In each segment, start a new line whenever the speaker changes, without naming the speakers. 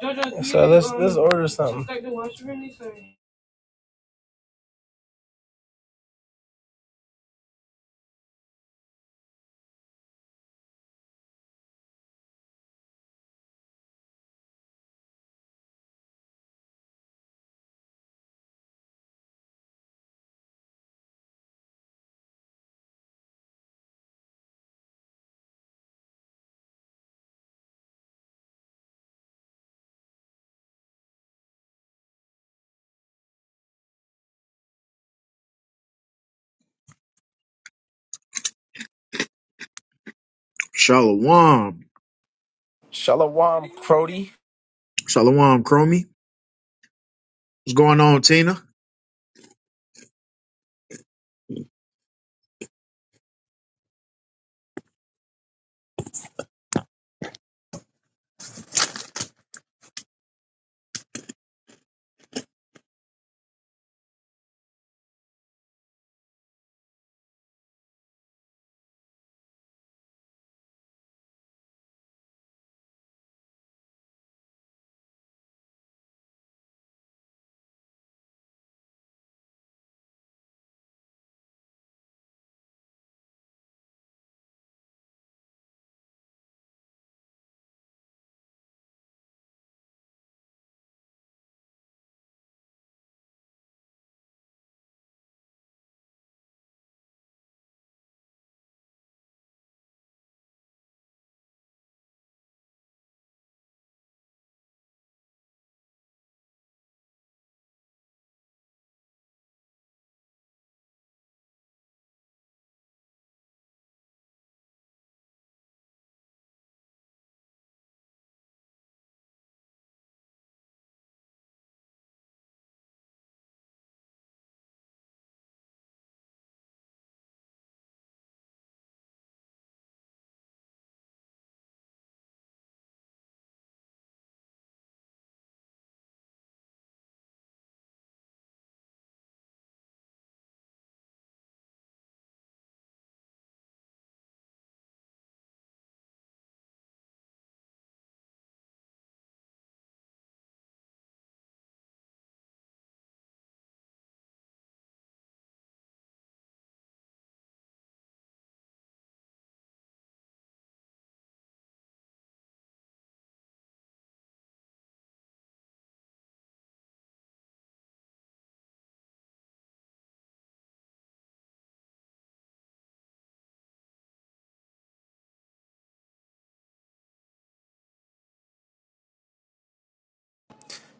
So let's let's order something.
Shalom.
Shalom, Crody.
Shalom, Chromie. What's going on, Tina?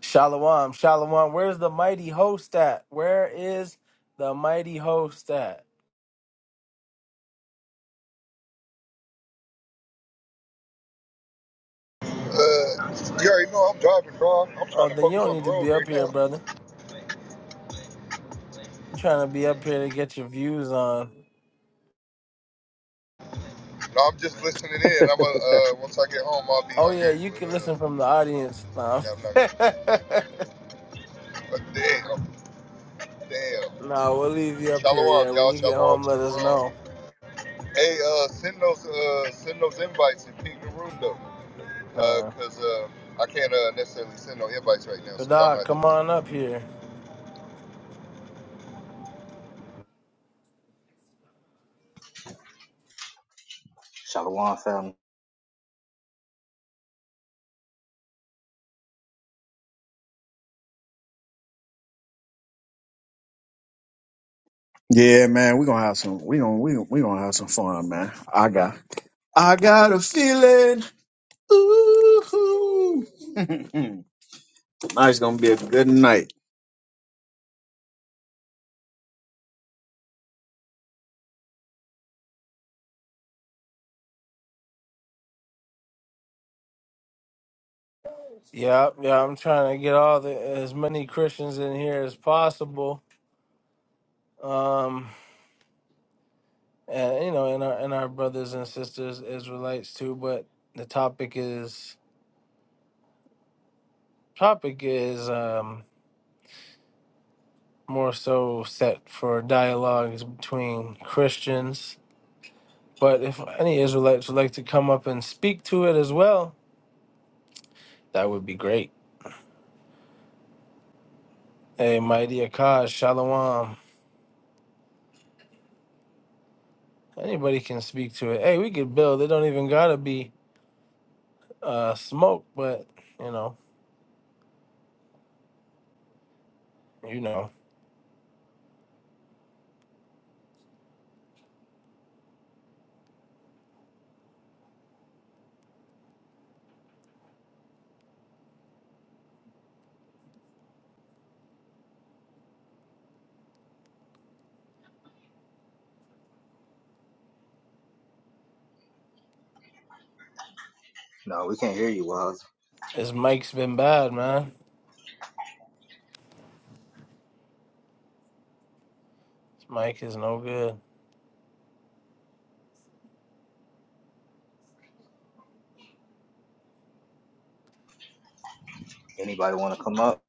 Shalom, shalom. Where's the mighty host at? Where is the mighty host at?
Uh, you already know I'm driving, bro. I'm trying
Oh,
to
then you
focus
don't
on the
need to
road
be
right
up here,
now.
brother. You trying to be up here to get your views on?
No, I'm just listening in. I'm going uh, once I get home, I'll be
Oh
on
yeah,
here.
you
But
can listen
uh,
from the audience. No,
yeah, I'm not. But damn, damn.
no, we'll leave you up here. Yeah,
Shalom,
when
y'all.
you get
Shalom
home,
to
let
the
us
room.
know.
Hey, uh, send those, uh, send those invites and ping the room though, uh,
Uh,
cause uh, I can't uh, necessarily send no invites right now,
but
so y'all gonna
dog,
have to
come
do it.
on up here.
Shalom family.
Yeah, man, we gonna have some. We gonna we gonna, we gonna have some fun, man. I got I got a feeling. Ooh, tonight's gonna be a good night.
Yeah, yeah. I'm trying to get all the as many Christians in here as possible um, and, you know, and our and our brothers and sisters Israelites too. But the topic is topic is um, more so set for dialogues between Christians. But if any Israelites would like to come up and speak to it as well, that would be great. Hey, mighty Akash, Shalom. Anybody can speak to it. Hey, we could build. It don't even gotta be uh smoke, but you know, you know,
No, we can't hear you, Waz.
his mic's been bad, man. His mic is no good.
Anybody want to come up?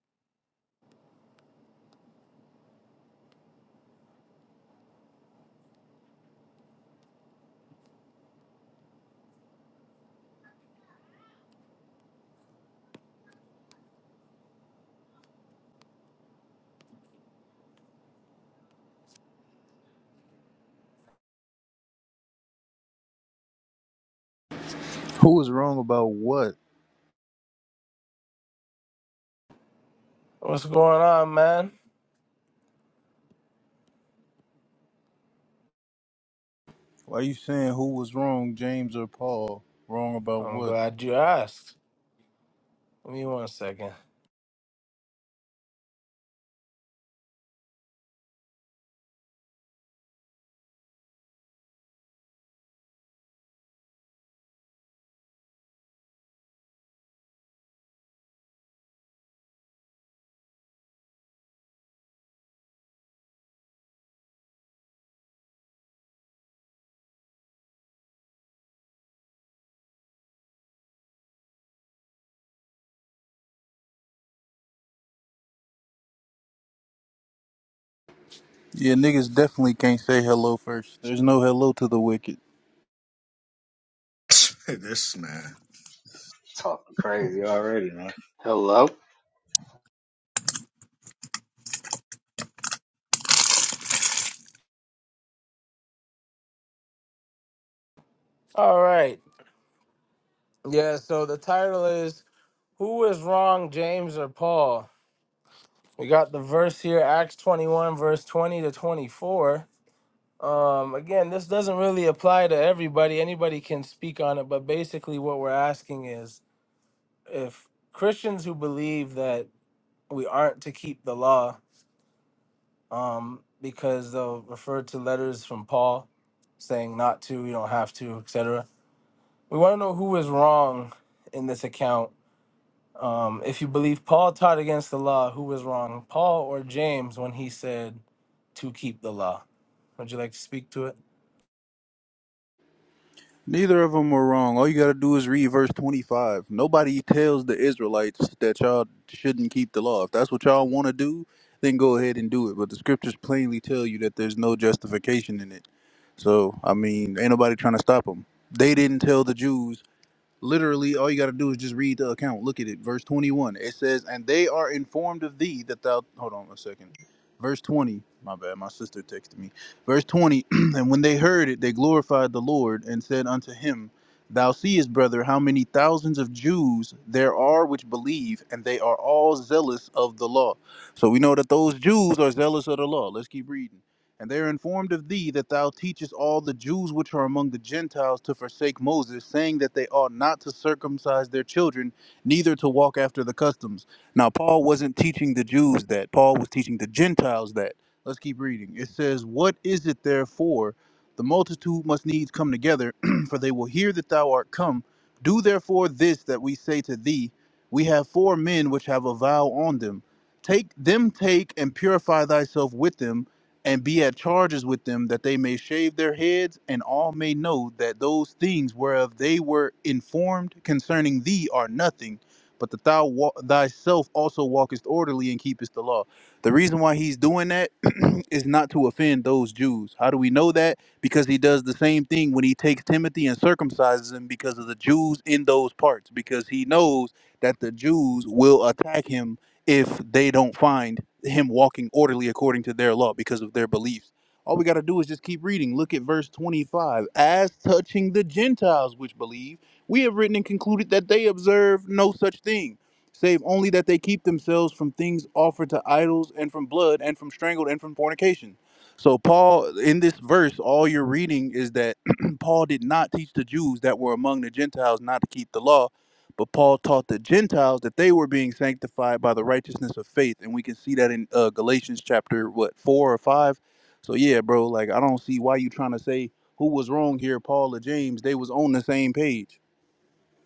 Who was wrong about what?
What's going on, man?
Why you saying who was wrong, James or Paul? Wrong about
I'm
what?
glad you asked. Give me one second.
Yeah, niggas definitely can't say hello first. There's no hello to the wicked.
this man.
Talking crazy already, man.
Hello,
All right. Yeah, so the title is Who is Wrong, James or Paul? We got the verse here, Acts 21, verse 20 to 24. Um, again, this doesn't really apply to everybody. Anybody can speak on it, but basically what we're asking is if Christians who believe that we aren't to keep the law, um, because they'll refer to letters from Paul saying not to, you don't have to, etc We want to know who is wrong in this account. Um, if you believe Paul taught against the law, who was wrong, Paul or James, when he said to keep the law? Would you like to speak to it?
Neither of them are wrong. All you gotta do is read verse 25. Nobody tells the Israelites that y'all shouldn't keep the law. If that's what y'all want to do, then go ahead and do it. But the scriptures plainly tell you that there's no justification in it. So, I mean, ain't nobody trying to stop them. They didn't tell the Jews Literally, all you got to do is just read the account. Look at it. Verse 21. It says, And they are informed of thee that thou. Hold on a second. Verse 20. My bad. My sister texted me. Verse 20. and when they heard it, they glorified the Lord and said unto him, Thou seest, brother, how many thousands of Jews there are which believe, and they are all zealous of the law. So we know that those Jews are zealous of the law. Let's keep reading. And they are informed of thee that thou teachest all the Jews which are among the Gentiles to forsake Moses, saying that they ought not to circumcise their children, neither to walk after the customs. Now, Paul wasn't teaching the Jews that, Paul was teaching the Gentiles that. Let's keep reading. It says, What is it therefore? The multitude must needs come together, for they will hear that thou art come. Do therefore this that we say to thee We have four men which have a vow on them. Take them, take and purify thyself with them and be at charges with them that they may shave their heads and all may know that those things whereof they were informed concerning thee are nothing but that thou wa- thyself also walkest orderly and keepest the law the reason why he's doing that is not to offend those jews how do we know that because he does the same thing when he takes timothy and circumcises him because of the jews in those parts because he knows that the jews will attack him if they don't find him walking orderly according to their law because of their beliefs. All we got to do is just keep reading. Look at verse 25. As touching the Gentiles which believe, we have written and concluded that they observe no such thing, save only that they keep themselves from things offered to idols and from blood and from strangled and from fornication. So, Paul, in this verse, all you're reading is that Paul did not teach the Jews that were among the Gentiles not to keep the law but Paul taught the Gentiles that they were being sanctified by the righteousness of faith, and we can see that in uh, Galatians chapter what four or five. So yeah, bro, like I don't see why you trying to say who was wrong here, Paul or James. They was on the same page.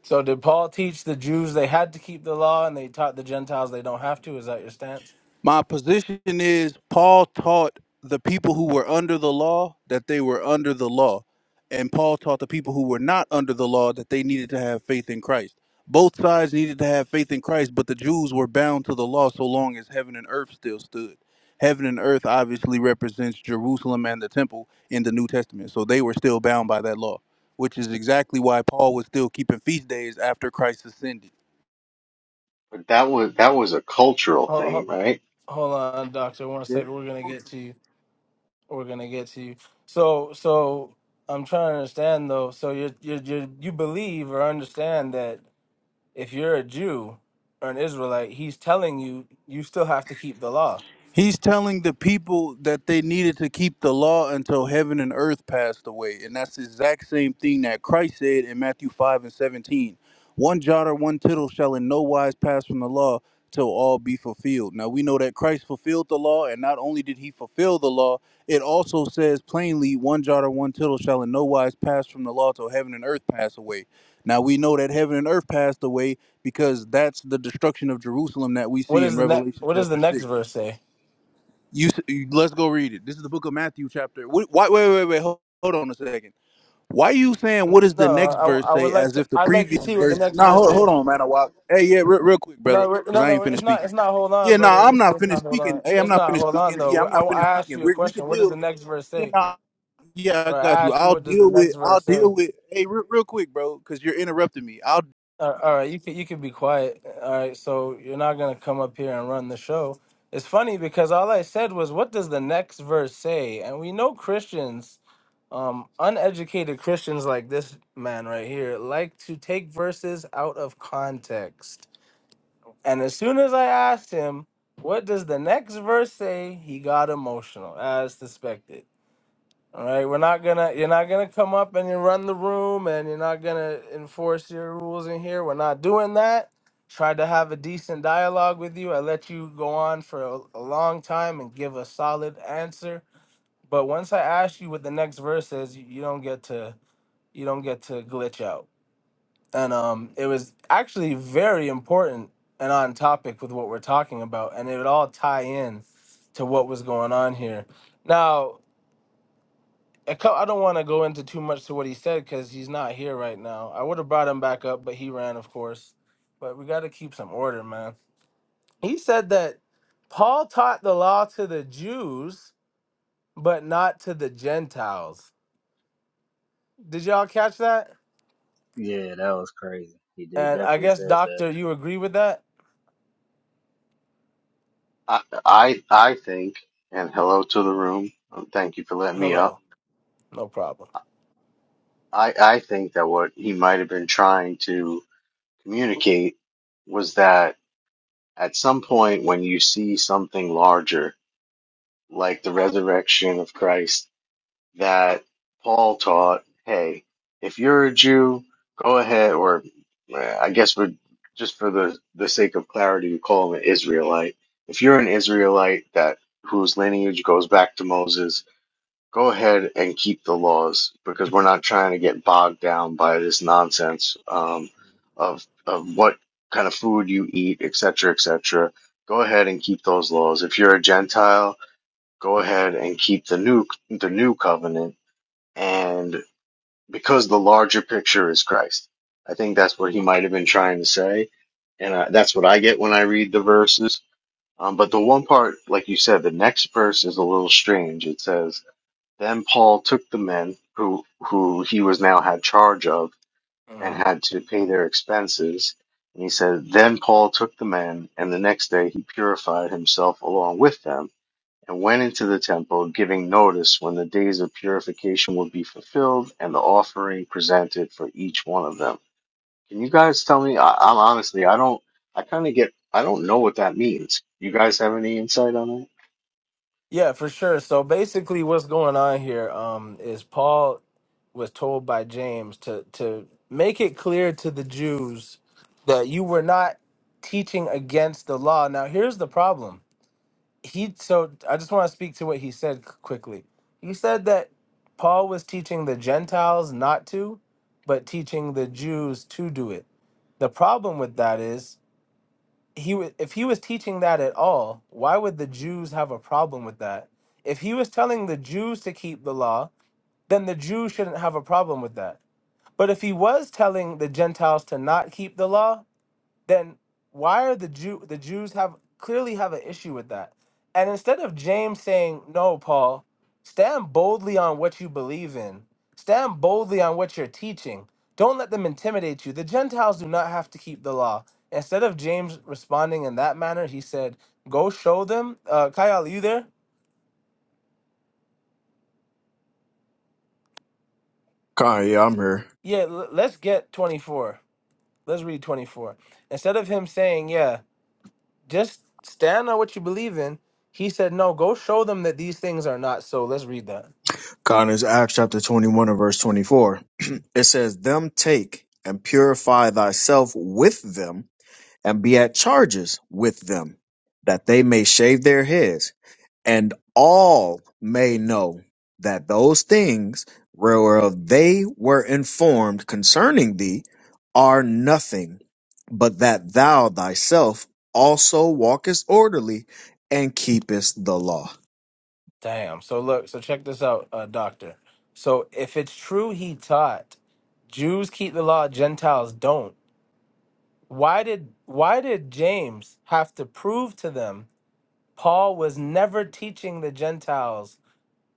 So, did Paul teach the Jews they had to keep the law and they taught the Gentiles they don't have to? Is that your stance?
My position is Paul taught the people who were under the law that they were under the law. And Paul taught the people who were not under the law that they needed to have faith in Christ. Both sides needed to have faith in Christ, but the Jews were bound to the law so long as heaven and earth still stood. Heaven and earth obviously represents Jerusalem and the temple in the New Testament. So they were still bound by that law, which is exactly why Paul was still keeping feast days after Christ ascended.
but that was that was a cultural
Hold,
thing,
hold,
right?
hold on, Doctor. One second. We're going to get to you. We're going to get to you. So, so I'm trying to understand though. So, you you you you believe or understand that If you're a Jew or an Israelite, he's telling you you still have to keep the law.
He's telling the people that they needed to keep the law until heaven and earth passed away. And that's the exact same thing that Christ said in Matthew 5 and 17. One jot or one tittle shall in no wise pass from the law till all be fulfilled. Now we know that Christ fulfilled the law, and not only did he fulfill the law, it also says plainly, one jot or one tittle shall in no wise pass from the law till heaven and earth pass away. Now we know that heaven and earth passed away because that's the destruction of Jerusalem that we
What
see
is
in
the next?
Revelation
What does the
chapter
next
6.
verse say?
You, s- you let's go read it. This is the book of Matthew, chapter. Wh- Why? Wait, wait, wait. Hold, hold on a second. Why you saying
N-
what does the
No, no.
next
I, w-
verse
I would
say
like
as
to.
if the
I'd like to
previous
see what the
verse?
next
Nah,
verse
hold,
says.
hold on, man. A while. Hey, yeah, real, real quick, brother,
No, we're,
because
no,
I ain't
no. It's
finished
not.
speaking.
It's not. Hold on,
Yeah, nah,
brother.
I'm
It's,
not
it's
finished
not. Hold
speaking.
on.
Hey, I'm
It's
not
not.
finished
Hold on,
speaking.
though.
Yeah, I'm
We're- I,
not
I
finished
asked
speaking.
you a
We we
question.
could
What does the
deal.
next verse
Yeah,
say?
nah. Yeah, I
All right.
got
I
you.
asked you
I'll
what does the
deal with.
next
I'll
verse say.
deal with. Hey, real, real quick, bro, because you're interrupting me. I'll.
Uh, all right, you can you can be quiet. All right, so you're not gonna come up here and run the show. It's funny because all I said was, "What does the next verse say?" And we know Christians Um, uneducated Christians like this man right here like to take verses out of context. And as soon as I asked him, what does the next verse say? He got emotional, as suspected. All right, we're not gonna, you're not gonna come up and you run the room and you're not gonna enforce your rules in here. We're not doing that. Tried to have a decent dialogue with you. I let you go on for a, a long time and give a solid answer. But once I asked you what the next verse is, you, you don't get to you don't get to glitch out. And um, it was actually very important and on topic with what we're talking about, and it would all tie in to what was going on here. Now, a cou- I don't want to go into too much to what he said because he's not here right now. I would have brought him back up, but he ran, of course. But we got to keep some order, man. He said that Paul taught the law to the Jews, but not to the Gentiles. Did y'all catch that?
Yeah, that was crazy. He did
And I
definitely
guess,
said that.
Doctor, you agree with that?
I I, I think, and hello to the room. Um, Thank you for letting me
Hello.
up.
No problem.
I I think that what he might have been trying to communicate was that at some point when you see something larger, like the resurrection of Christ that Paul taught, hey, if you're a Jew, go ahead, or eh, I guess we're just for the, the sake of clarity, we call him an Israelite. If you're an Israelite that whose lineage goes back to Moses, go ahead and keep the laws because we're not trying to get bogged down by this nonsense um, of of what kind of food you eat, et cetera, et cetera. Go ahead and keep those laws. If you're a Gentile, go ahead and keep the new the new covenant and because the larger picture is Christ. I think that's what he might have been trying to say, and uh, that's what I get when I read the verses. Um, but the one part, like you said, the next verse is a little strange. It says, "Then Paul took the men who who he was now had charge of and
Mhm.
had to pay their expenses." And he said, "Then Paul took the men, and the next day he purified himself along with them." and went into the temple, giving notice when the days of purification would be fulfilled and the offering presented for each one of them. Can you guys tell me? I, I'm honestly, I don't, I kind of get, I don't know what that means. You guys have any insight on that?
Yeah, for sure. So basically, what's going on here um, is Paul was told by James to to make it clear to the Jews that you were not teaching against the law. Now, here's the problem. He so I just want to speak to what he said c- quickly. He said that Paul was teaching the Gentiles not to, but teaching the Jews to do it. The problem with that is he was if he was teaching that at all, why would the Jews have a problem with that? If he was telling the Jews to keep the law, then the Jews shouldn't have a problem with that. But if he was telling the Gentiles to not keep the law, then why are the Jew the Jews have clearly have an issue with that? And instead of James saying, "No, Paul, stand boldly on what you believe in. Stand boldly on what you're teaching. Don't let them intimidate you. The Gentiles do not have to keep the law." Instead of James responding in that manner, he said, "Go show them." Uh, Kyle, you there?
Con, yeah, I'm here.
Yeah, l- let's get 24. Let's read 24. Instead of him saying, "Yeah, just stand on what you believe in. He said, No, go show them that these things are not so. Let's read that.
Con is Acts chapter twenty one and verse twenty four. it says, "Them take and purify thyself with them, and be at charges with them, that they may shave their heads." and all may know that those things whereof they were informed concerning thee are nothing, but that thou thyself also walkest orderly and keepest the law.
Damn. So look, so check this out, uh, doctor. So if it's true he taught, Jews keep the law, Gentiles don't. Why did why did James have to prove to them Paul was never teaching the Gentiles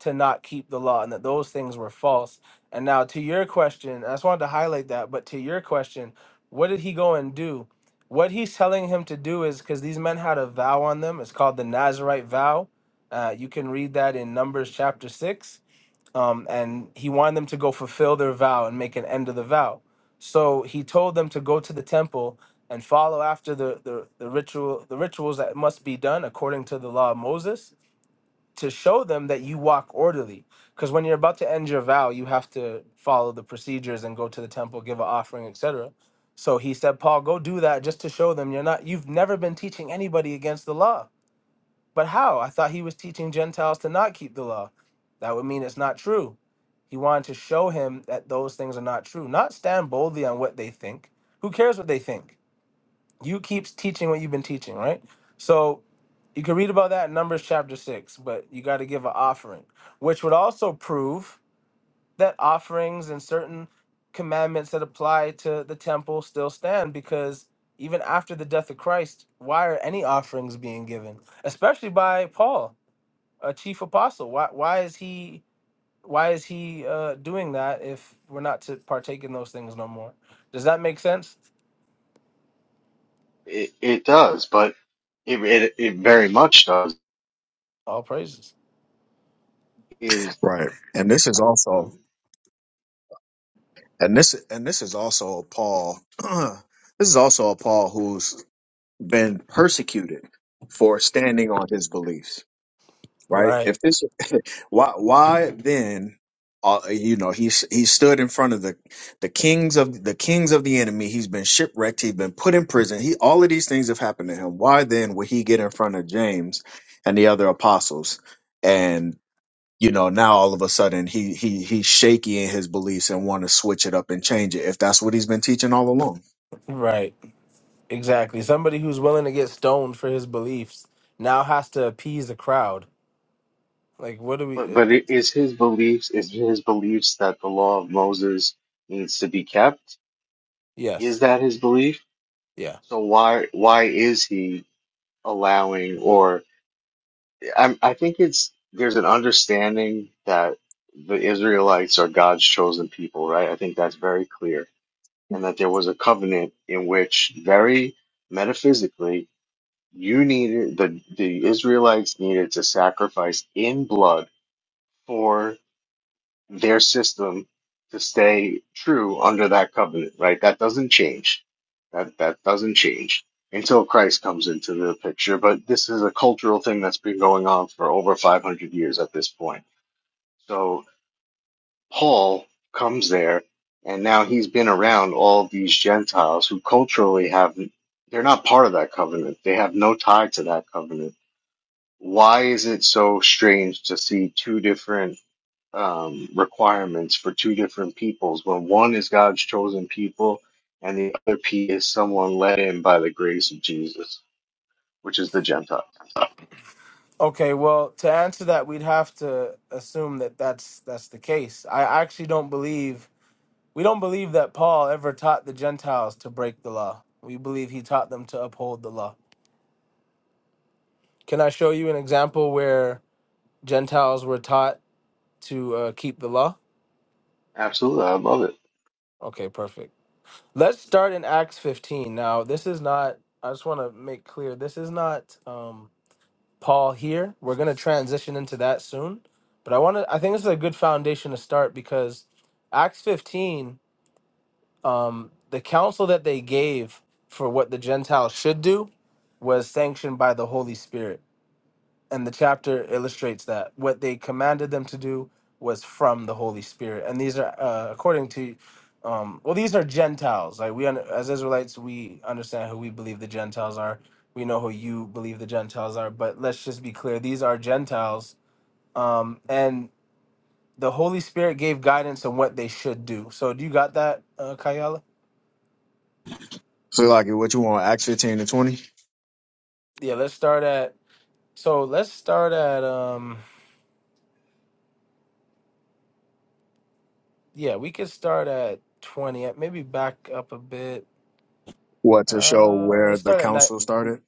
to not keep the law and that those things were false. And now to your question, I just wanted to highlight that, but to your question, what did he go and do? What he's telling him to do is because these men had a vow on them. It's called the Nazarite vow. Uh, you can read that in Numbers chapter six. Um, and he wanted them to go fulfill their vow and make an end of the vow. So he told them to go to the temple and follow after the, the, the ritual the rituals that must be done according to the law of Moses to show them that you walk orderly. Because when you're about to end your vow, you have to follow the procedures and go to the temple, give an offering, etc. So he said, Paul, go do that just to show them you're not. You've never been teaching anybody against the law. But how? I thought he was teaching Gentiles to not keep the law. That would mean it's not true. He wanted to show him that those things are not true. Not stand boldly on what they think. Who cares what they think? you keep teaching what you've been teaching, right? So you can read about that in Numbers chapter six, but you got to give an offering, which would also prove that offerings and certain commandments that apply to the temple still stand because even after the death of Christ, why are any offerings being given, especially by Paul, a chief apostle? Why why is he why is he uh, doing that if we're not to partake in those things no more? Does that make sense?
It, it does, but it, it, it very much does.
All praises.
Is
Right. And this is
um,
also and this and this is also a Paul this is also a Paul who's been persecuted for standing on his beliefs. Right?
Right.
If this Why, why then, uh, you know, he's he stood in front of the the kings of the kings of the enemy. He's been shipwrecked. He's been put in prison. He all of these things have happened to him. Why then would he get in front of James and the other apostles? And you know, now all of a sudden he he he's shaky in his beliefs and want to switch it up and change it. If that's what he's been teaching all along.
Right. Exactly. Somebody who's willing to get stoned for his beliefs now has to appease the crowd. Like, what do we?
but
It,
but it
it-
is his beliefs is his beliefs that the law of Moses needs to be kept. Is
yes.
that his belief?
Yeah.
So why why is he allowing or I, I think it's there's an understanding that the Israelites are God's chosen people, right? I think that's very clear, and that there was a covenant in which, very metaphysically, you needed the the Israelites needed to sacrifice in blood for their system to stay true under that covenant, right? That doesn't change. That that doesn't change until Christ comes into the picture. But this is a cultural thing that's been going on for over 500 years at this point. So Paul comes there, and now he's been around all these Gentiles who culturally have they're not part of that covenant. They have no tie to that covenant. Why is it so strange to see two different um, requirements for two different peoples when one is God's chosen people and the other P is someone led in by the grace of Jesus, which is the Gentiles.
Okay. Well, to answer that, we'd have to assume that that's that's the case. I actually don't believe we don't believe that Paul ever taught the Gentiles to break the law. We believe he taught them to uphold the law. Can I show you an example where Gentiles were taught to uh, keep the law?
Absolutely. I love it.
Okay. Perfect. Let's start in Acts 15. Now, this is not, I just want to make clear, this is not um, Paul here. We're going to transition into that soon. But I want to, I think this is a good foundation to start because Acts 15, um, the counsel that they gave for what the Gentiles should do was sanctioned by the Holy Spirit and the chapter illustrates that what they commanded them to do was from the Holy Spirit, and these are uh, according to, um, well, these are Gentiles. Like we, un- as Israelites, we understand who we believe the Gentiles are. We know who you believe the Gentiles are, but let's just be clear: these are Gentiles, um, and the Holy Spirit gave guidance on what they should do. So, do you got that, uh, Kayala?
So, like, what you want? Acts fifteen to twenty.
Yeah, let's start at. So let's start at. um Yeah, we could start at twenty. Maybe back up a bit
What to show
Uh,
where
let's
the
start at nine.
council started?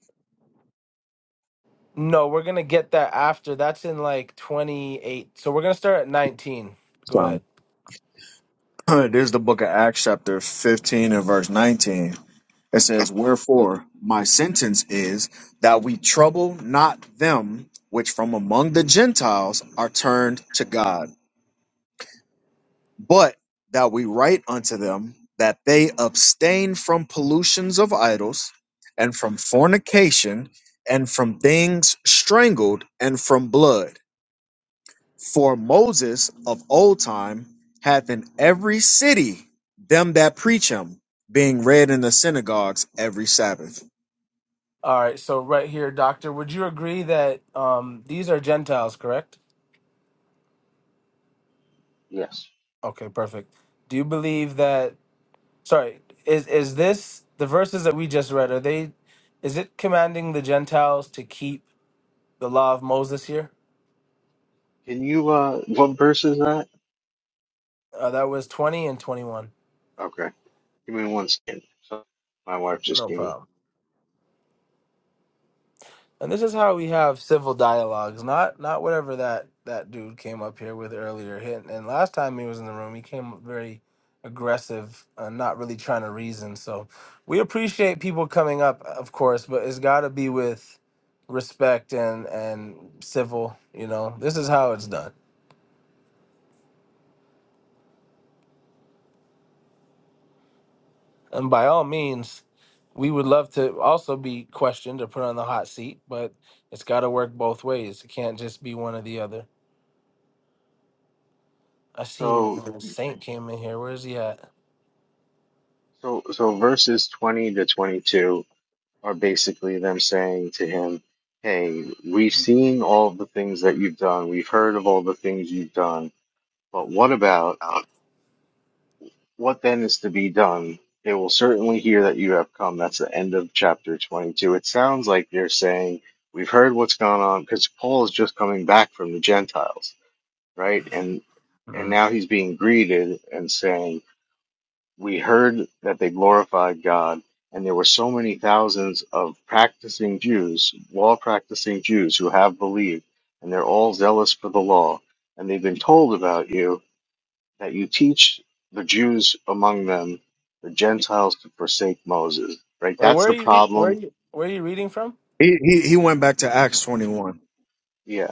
No, we're gonna get that after. That's in like twenty eight. So we're gonna start at nineteen. Go ahead.
There's the book of Acts, chapter 15 and verse 19. It says, Wherefore my sentence is that we trouble not them which from among the Gentiles are turned to God, but that we write unto them that they abstain from pollutions of idols and from fornication and from things strangled and from blood. For Moses of old time hath in every city them that preach him, being read in the synagogues every Sabbath.
All right. So right here, Doctor, would you agree that um these are Gentiles, correct?
Yes.
Okay, perfect. Do you believe that? Sorry, is is this the verses that we just read? Are they? Is it commanding the Gentiles to keep the law of Moses here?
Can you, uh, what verse is that?
Uh, that was twenty and twenty one.
Okay. Give me one second. So my wife just
No
gave me.
problem. And this is how we have civil dialogues, not not whatever that that dude came up here with earlier. He- And last time he was in the room, he came up very aggressive, uh, not really trying to reason. So we appreciate people coming up, uh, of course, but it's got to be with respect and and civil. You know, this is how it's done. And by all means, we would love to also be questioned or put on the hot seat, but it's got to work both ways. It can't just be one or the other. I seen
So,
um, Saint came in here. Where is he at?
so, so verses 20 to 22 are basically them saying to him, Hey, we've seen all the things that you've done. We've heard of all the things you've done. But what about What then is to be done? They will certainly hear that you have come. That's the end of chapter 22. It sounds like they're saying, We've heard what's gone on, because Paul is just coming back from the Gentiles, right? And and
Mm.
now he's being greeted and saying, We heard that they glorified God, and there were so many thousands of practicing Jews, law practicing Jews, who have believed, and they're all zealous for the law, and they've been told about you that you teach the Jews among them, the Gentiles to forsake Moses. Right?
Wait,
That's
where are
the
you? Re- where are
problem.
you? Where are you reading from?
He, he, he went back to Acts 21.
Yeah.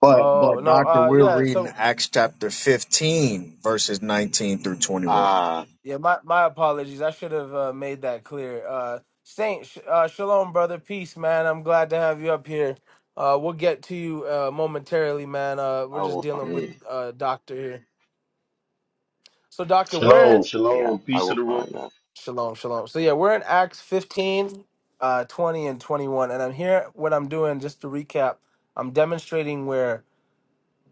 But,
Oh
but,
no,
Doctor,
uh,
we're
yeah.
reading
So
Acts chapter 15, verses 19 through 21.
Ah,
yeah, my my apologies. I should have uh, made that clear. Uh, Saint, sh- uh, shalom, brother. Peace, man. I'm glad to have you up here. Uh, we'll get to you uh, momentarily, man. Uh,
I
we're just
will
dealing with
find.
uh, doctor here. So doctor, we're in
Shalom,
Yeah,
shalom,
I
peace to
will
the room.
find that.
shalom, shalom. So yeah, we're in Acts 15, uh, 20, and 21, and I'm here. What I'm doing, just to recap, I'm demonstrating where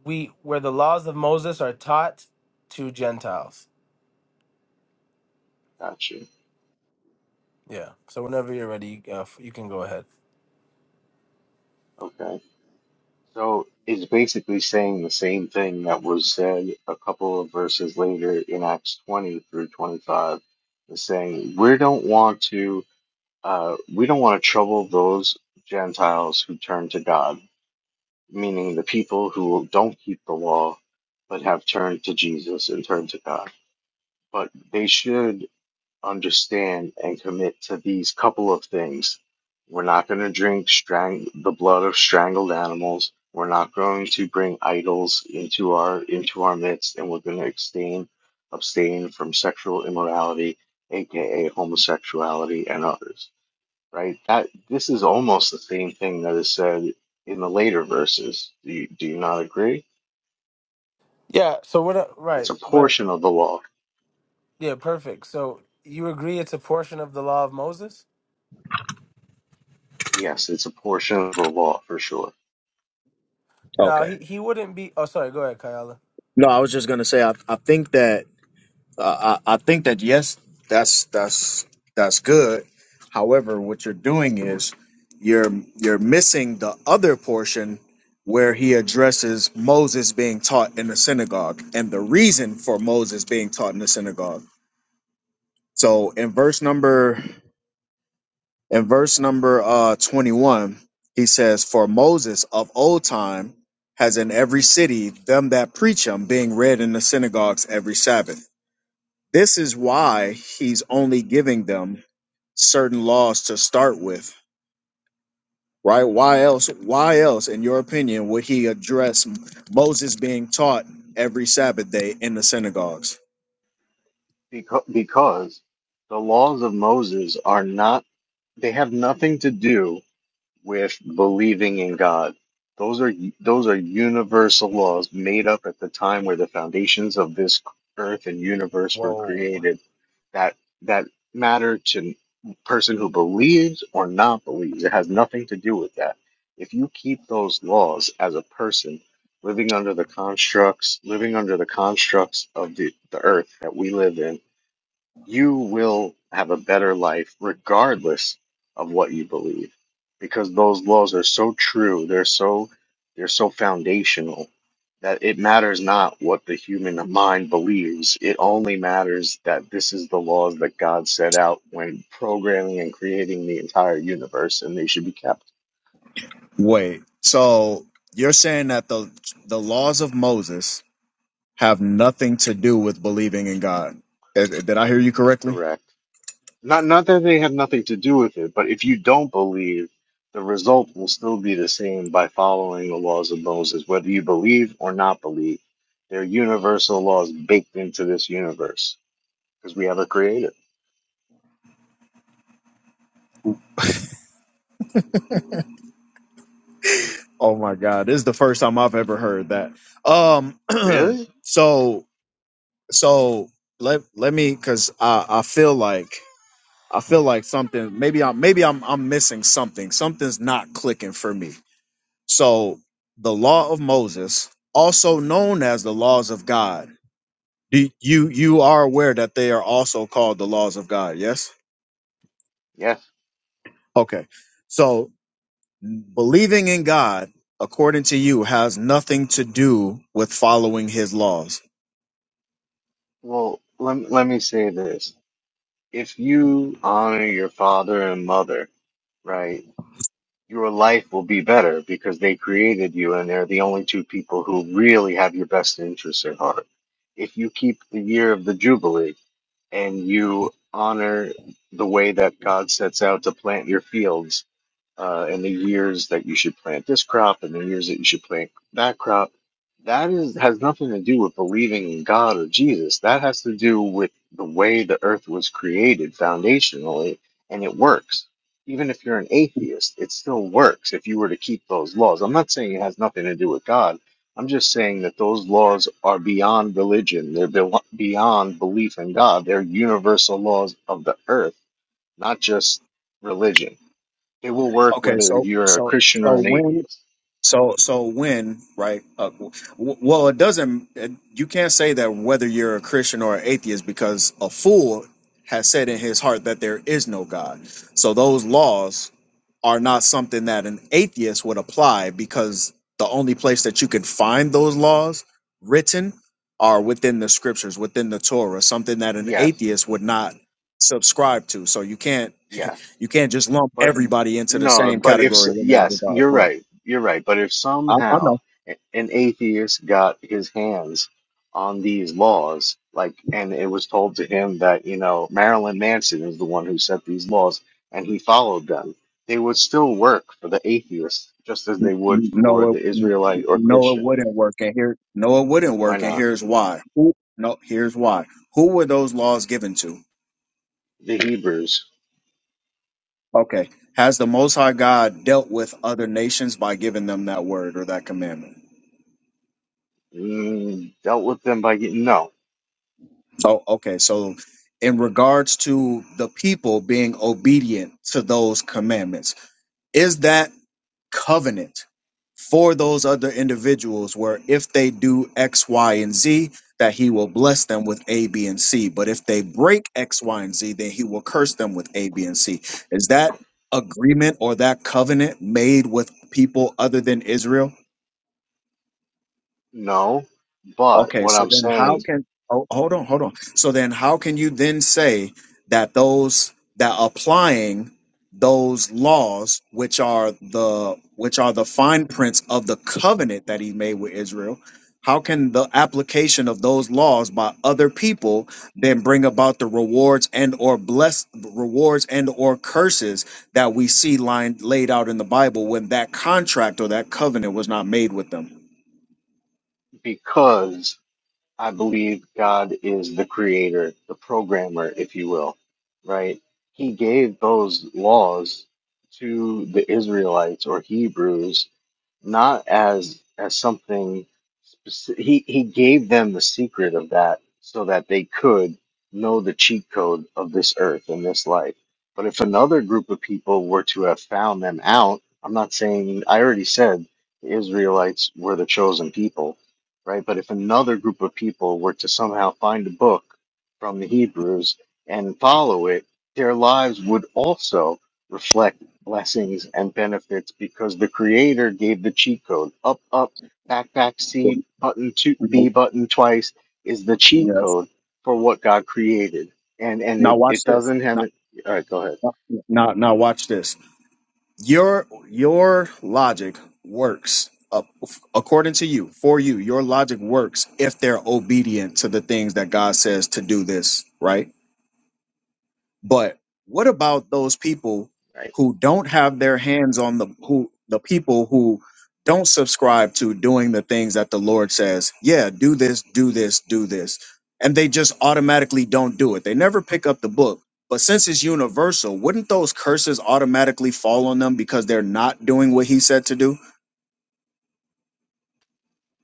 we where the laws of Moses are taught to Gentiles.
Got you.
Yeah. So whenever you're ready, you, uh, f- you can go ahead.
Okay. So it's basically saying the same thing that was said a couple of verses later in Acts 20 through 25. It's saying we don't want to, uh, we don't want to trouble those Gentiles who turn to God meaning the people who don't keep the law but have turned to Jesus and turned to God. But they should understand and commit to these couple of things. We're not going to drink strang- the blood of strangled animals. We're not going to bring idols into our into our midst, and we're going to abstain abstain from sexual immorality, aka homosexuality, and others right? That this is almost the same thing that is said in the later verses. Do you, do you not agree?
Yeah. So what? a-
It's
Right.
a
But
portion of the law.
yeah, perfect. So you agree it's a portion of the law of Moses?
Yes, it's a portion of the law for sure.
Now
Okay.
he he wouldn't be. Oh, sorry. Go ahead, Kayala.
No, I was just going to say, I, I think that Uh, I, I think that yes, that's that's that's good. However, what you're doing is you're you're missing the other portion where he addresses Moses being taught in the synagogue and the reason for Moses being taught in the synagogue. So in verse number in verse number uh 21, he says, "For Moses of old time has in every city them that preach him being read in the synagogues every Sabbath." This is why he's only giving them certain laws to start with, right? Why else? Why else, in your opinion, would he address Moses being taught every Sabbath day in the synagogues?
Because because the laws of Moses are not they have nothing to do with believing in God. Those are those are universal laws made up at the time where the foundations of this earth and universe were
Whoa.
created that that matter to person who believes or not believes. It has nothing to do with that. If you keep those laws as a person living under the constructs, living under the constructs of the, the earth that we live in, you will have a better life regardless of what you believe because those laws are so true they're so they're so foundational that it matters not what the human mind believes it only matters that this is the laws that god set out when programming and creating the entire universe and they should be kept
Wait, so you're saying that the the laws of Moses have nothing to do with believing in God? Eh, eh, Did I hear you correctly?
correct Not not that they have nothing to do with it, but if you don't believe, the result will still be the same by following the laws of Moses, whether you believe or not believe. They're universal laws baked into this universe because we have a creator.
Oh my God, this is the first time I've ever heard that. Um,
Really?
so so let let me because I, I feel like I feel like something maybe I'm maybe I'm I'm missing something. Something's not clicking for me. So the law of Moses, also known as the laws of God, do you you are aware that they are also called the laws of God, yes?
Yes.
Okay. So believing in God, according to you, has nothing to do with following his laws.
Well, let, let me say this. If you honor your father and mother, right, your life will be better because they created you and they're the only two people who really have your best interests at heart if you keep the year of the Jubilee. and you honor the way that God sets out to plant your fields uh, and the years that you should plant this crop and the years that you should plant that crop. That is has nothing to do with believing in God or Jesus. That has to do with the way the earth was created foundationally, and it works. Even if you're an atheist, it still works if you were to keep those laws. I'm not saying it has nothing to do with God. I'm just saying that those laws are beyond religion. They're be- beyond belief in God. They're universal laws of the earth, not just religion. It will work
Okay,
whether
so
you're a
so
Christian or
so
an
when
atheist.
So, so when, right? Uh, w- well, it doesn't. It, you can't say that whether you're a Christian or an atheist because a fool has said in his heart that there is no God. So those laws are not something that an atheist would apply because the only place that you can find those laws written are within the scriptures, within the Torah, something that an
Yes,
atheist would not subscribe to. So you can't
yes.
you can't just lump
But
everybody into the
no,
same
but if,
category
s-
in that
yes,
regard.
you're
But
right. You're right. But if
I, I know.
somehow a- an atheist got his hands on these laws, like, and it was told to him that, you know, Marilyn Manson is the one who set these laws and he followed them, they would still work for the atheist just as they would for
No,
the
it,
Israelite or
no, it
Christian.
wouldn't work. And here, no, it wouldn't
Why
work. And
not?
here's why. Who, no, here's why. Who were those laws given to?
The Hebrews
Okay. Has the Most High God dealt with other nations by giving them that word or that commandment?
mm, dealt with them by getting, no.
Oh, okay. So, in regards to the people being obedient to those commandments, is that covenant for those other individuals where if they do X, Y, and Z, that he will bless them with A, B, and C. But if they break X, Y, and Z, then he will curse them with A, B, and C. Is that agreement or that covenant made with people other than Israel?
No, but
Okay,
what
so
I'm
then how
saying,
can oh hold on, hold on. So then how can you then say that those that applying those laws which are the which are the fine prints of the covenant that he made with Israel, how can the application of those laws by other people then bring about the rewards and or bless rewards and or curses that we see lined laid out in the Bible when that contract or that covenant was not made with them?
because I believe God is the creator, the programmer, if you will, right? He gave those laws to the Israelites or Hebrews not as as something specific. He he gave them the secret of that so that they could know the cheat code of this earth and this life. But if another group of people were to have found them out, I'm not saying I already said the Israelites were the chosen people, right? But if another group of people were to somehow find a book from the Hebrews and follow it, their lives would also reflect blessings and benefits because the creator gave the cheat code. Up, up, back, back, C button two B button twice is the cheat
Yeah,
code for what God created. And and
Now
it,
watch
it
this.
doesn't have it all right, go ahead.
Now, now, now watch this. Your your logic works uh, according to you. For you, your logic works if they're obedient to the things that God says to do. This right. But what about those people
Right.
who don't have their hands on the who the people who don't subscribe to doing the things that the Lord says, yeah, do this, do this, do this. And they just automatically don't do it. They never pick up the book. But since it's universal, wouldn't those curses automatically fall on them because they're not doing what he said to do?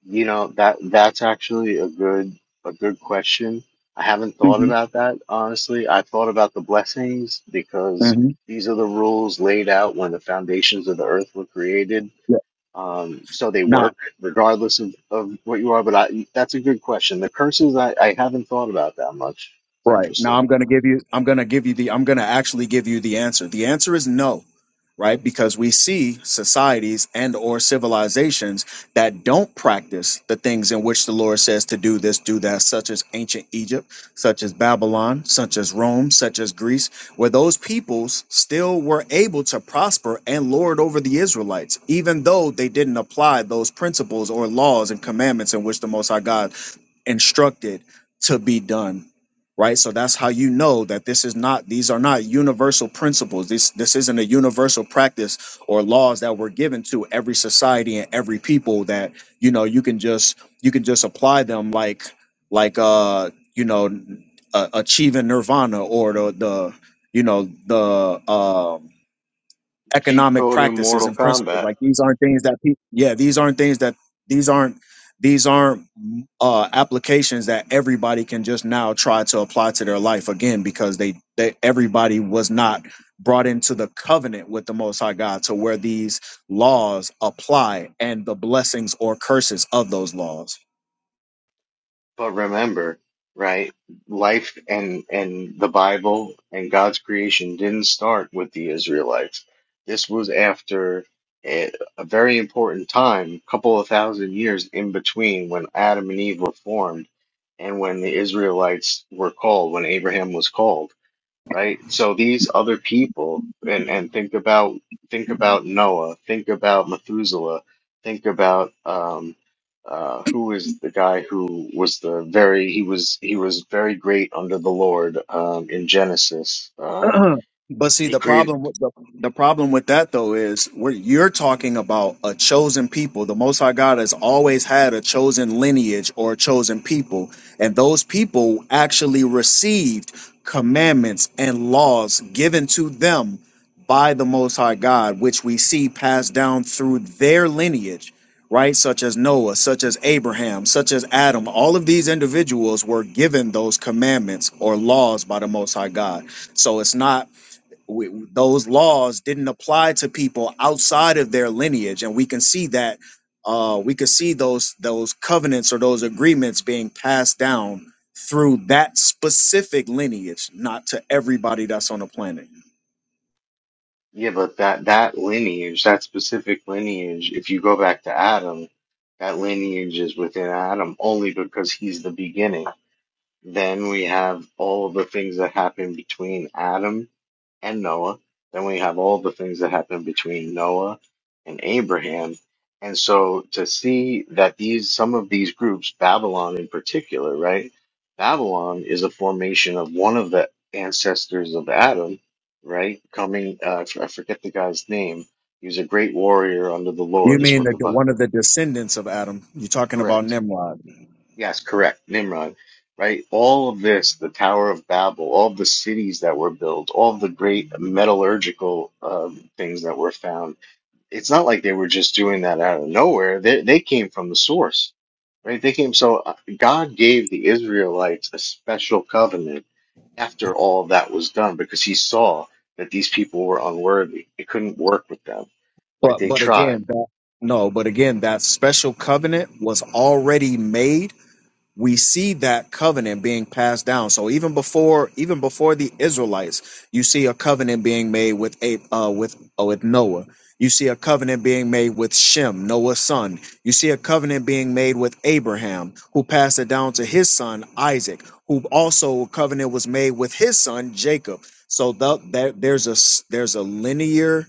You know, that that's actually a good a good question. I haven't thought
hmm
about that, honestly. I thought about the blessings because these are the rules laid out when the foundations of the earth were created um, so they
hmm
work regardless of, of what you are. But I, that's a good question. The curses, I, I haven't thought about that much. It's
Right. Now
interesting.
I'm going to give you I'm going to give you the I'm going to actually give you the answer. The answer is no, right? Because we see societies and or civilizations that don't practice the things in which the Lord says to do this, do that, such as ancient Egypt, such as Babylon, such as Rome, such as Greece, where those peoples still were able to prosper and lord over the Israelites, even though they didn't apply those principles or laws and commandments in which the Most High God instructed to be done right so that's how you know that this is not these are not universal principles this this isn't a universal practice or laws that were given to every society and every people that you know you can just you can just apply them like like uh you know uh, achieving nirvana or the the you know the um
Cheat
economic
code in
practices
Mortal
and principles.
Kombat,
Like these aren't things that people, yeah, these aren't things that these aren't these aren't uh, applications that everybody can just now try to apply to their life again because they, they everybody was not brought into the covenant with the Most High God to where these laws apply and the blessings or curses of those laws.
but remember, right? Life and and the Bible and God's creation didn't start with the Israelites. This was after a, a very important time, couple of thousand years in between when Adam and Eve were formed. And when the Israelites were called, when Abraham was called right? So these other people, and and think about think about Noah, think about Methuselah, think about um, uh, who is the guy who was the very he was he was very great under the Lord um, in Genesis. Uh,
but see,
he
the
created
problem with the, the problem with that though is where you're talking about a chosen people. The Most High God has always had a chosen lineage or a chosen people, and those people actually received commandments and laws given to them by the Most High God, which we see passed down through their lineage. Right, such as Noah, such as Abraham, such as Adam, all of these individuals were given those commandments or laws by the Most High God so it's not we, those laws didn't apply to people outside of their lineage, and we can see that uh, we can see those those covenants or those agreements being passed down through that specific lineage, not to everybody that's on the planet.
yeah, but that that lineage, that specific lineage, if you go back to Adam, that lineage is within Adam only because he's the beginning. Then we have all of the things that happen between Adam and Noah. Then we have all the things that happened between Noah and Abraham. And so to see that these, some of these groups, Babylon in particular, right? Babylon is a formation of one of the ancestors of Adam, right? Coming, uh, I forget the guy's name. He was a great warrior under the
You
Lord, is
mean
what
that
the,
the-
Bi-
one of the descendants of Adam? You're talking about
correct
Nimrod,
Yes, correct. Nimrod, right? All of this, the Tower of Babel, all the cities that were built, all the great metallurgical um, things that were found. It's not like they were just doing that out of nowhere. They, they came from the source, right? They came. So uh, God gave the Israelites a special covenant after all that was done because he saw that these people were unworthy. It couldn't work with them, right?
but
They
but
tried
again, that, no, but again, that special covenant was already made we see that covenant being passed down. So even before even before the Israelites, you see a covenant being made with a uh, with uh, with Noah. You see a covenant being made with Shem, Noah's son. You see a covenant being made with Abraham, who passed it down to his son Isaac, who also a covenant was made with his son Jacob. So the, there there's a s- there's a linear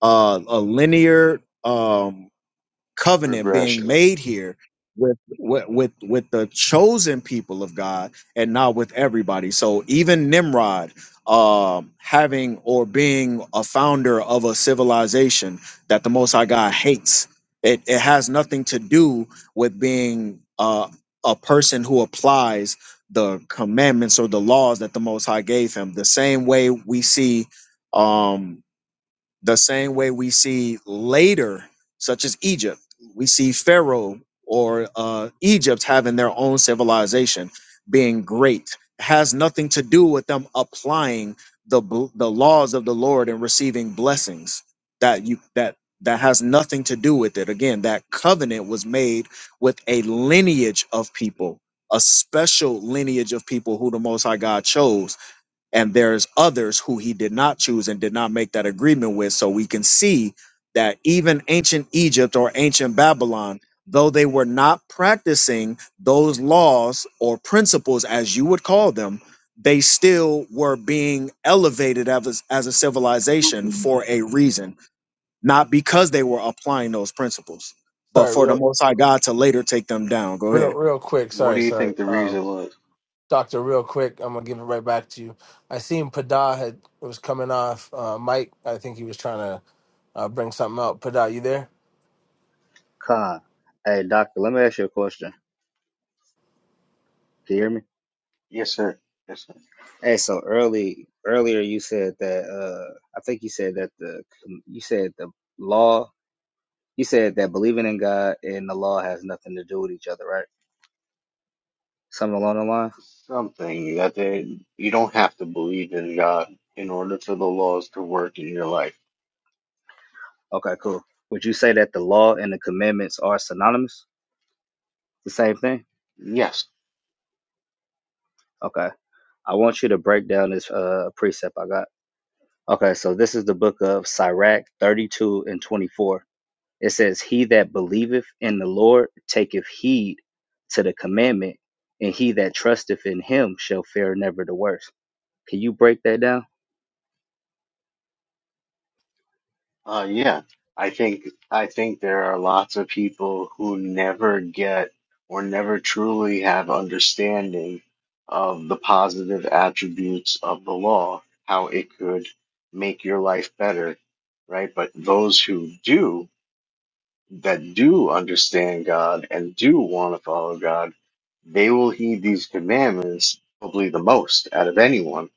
uh, a linear um covenant being
progression.
made here with with with, with the chosen people of God and not with everybody. So even Nimrod um having or being a founder of a civilization that the most high God hates. It it has nothing to do with being uh a person who applies the commandments or the laws that the most high gave him the same way we see um the same way we see later, such as Egypt, we see Pharaoh or uh, Egypt having their own civilization, being great. It has nothing to do with them applying the bl- the laws of the Lord and receiving blessings. That you that that has nothing to do with it. Again, that covenant was made with a lineage of people, a special lineage of people who the Most High God chose and there's others who he did not choose and did not make that agreement with so we can see that even ancient egypt or ancient babylon though they were not practicing those laws or principles as you would call them they still were being elevated as, as a civilization for a reason not because they were applying those principles but
Sorry.
for the
Real
most high god to later take them down go
real
ahead
real quick.
What do
Sorry.
you
Sorry.
think the
Um.
reason was?
Doctor, real quick, I'm gonna give it right back to you. I seen Pada had was coming off uh, Mike. I think he was trying to uh, bring something out. Pada, you there?
Con. Hey, doctor, let me ask you a question. Can you hear me?
Yes, sir. Yes, sir.
Hey, so early earlier you said that uh I think you said that the you said the law you said that believing in God and the law has nothing to do with each other, right? Something along the line?
something that they you don't have to believe in God in order for the laws to work in your life.
Okay, cool. Would you say that the law and the commandments are synonymous? The same thing?
Yes.
Okay. I want you to break down this uh, precept I got. Okay, so this is the book of Sirach 32 and 24. It says, He that believeth in the Lord taketh heed to the commandment, and he that trusteth in him shall fare never the worse. Can you break that down?
Uh yeah. I think I think there are lots of people who never get or never truly have understanding of the positive attributes of the law, how it could make your life better, right? But those who do that do understand God and do want to follow God, they will heed these commandments probably the most out of anyone.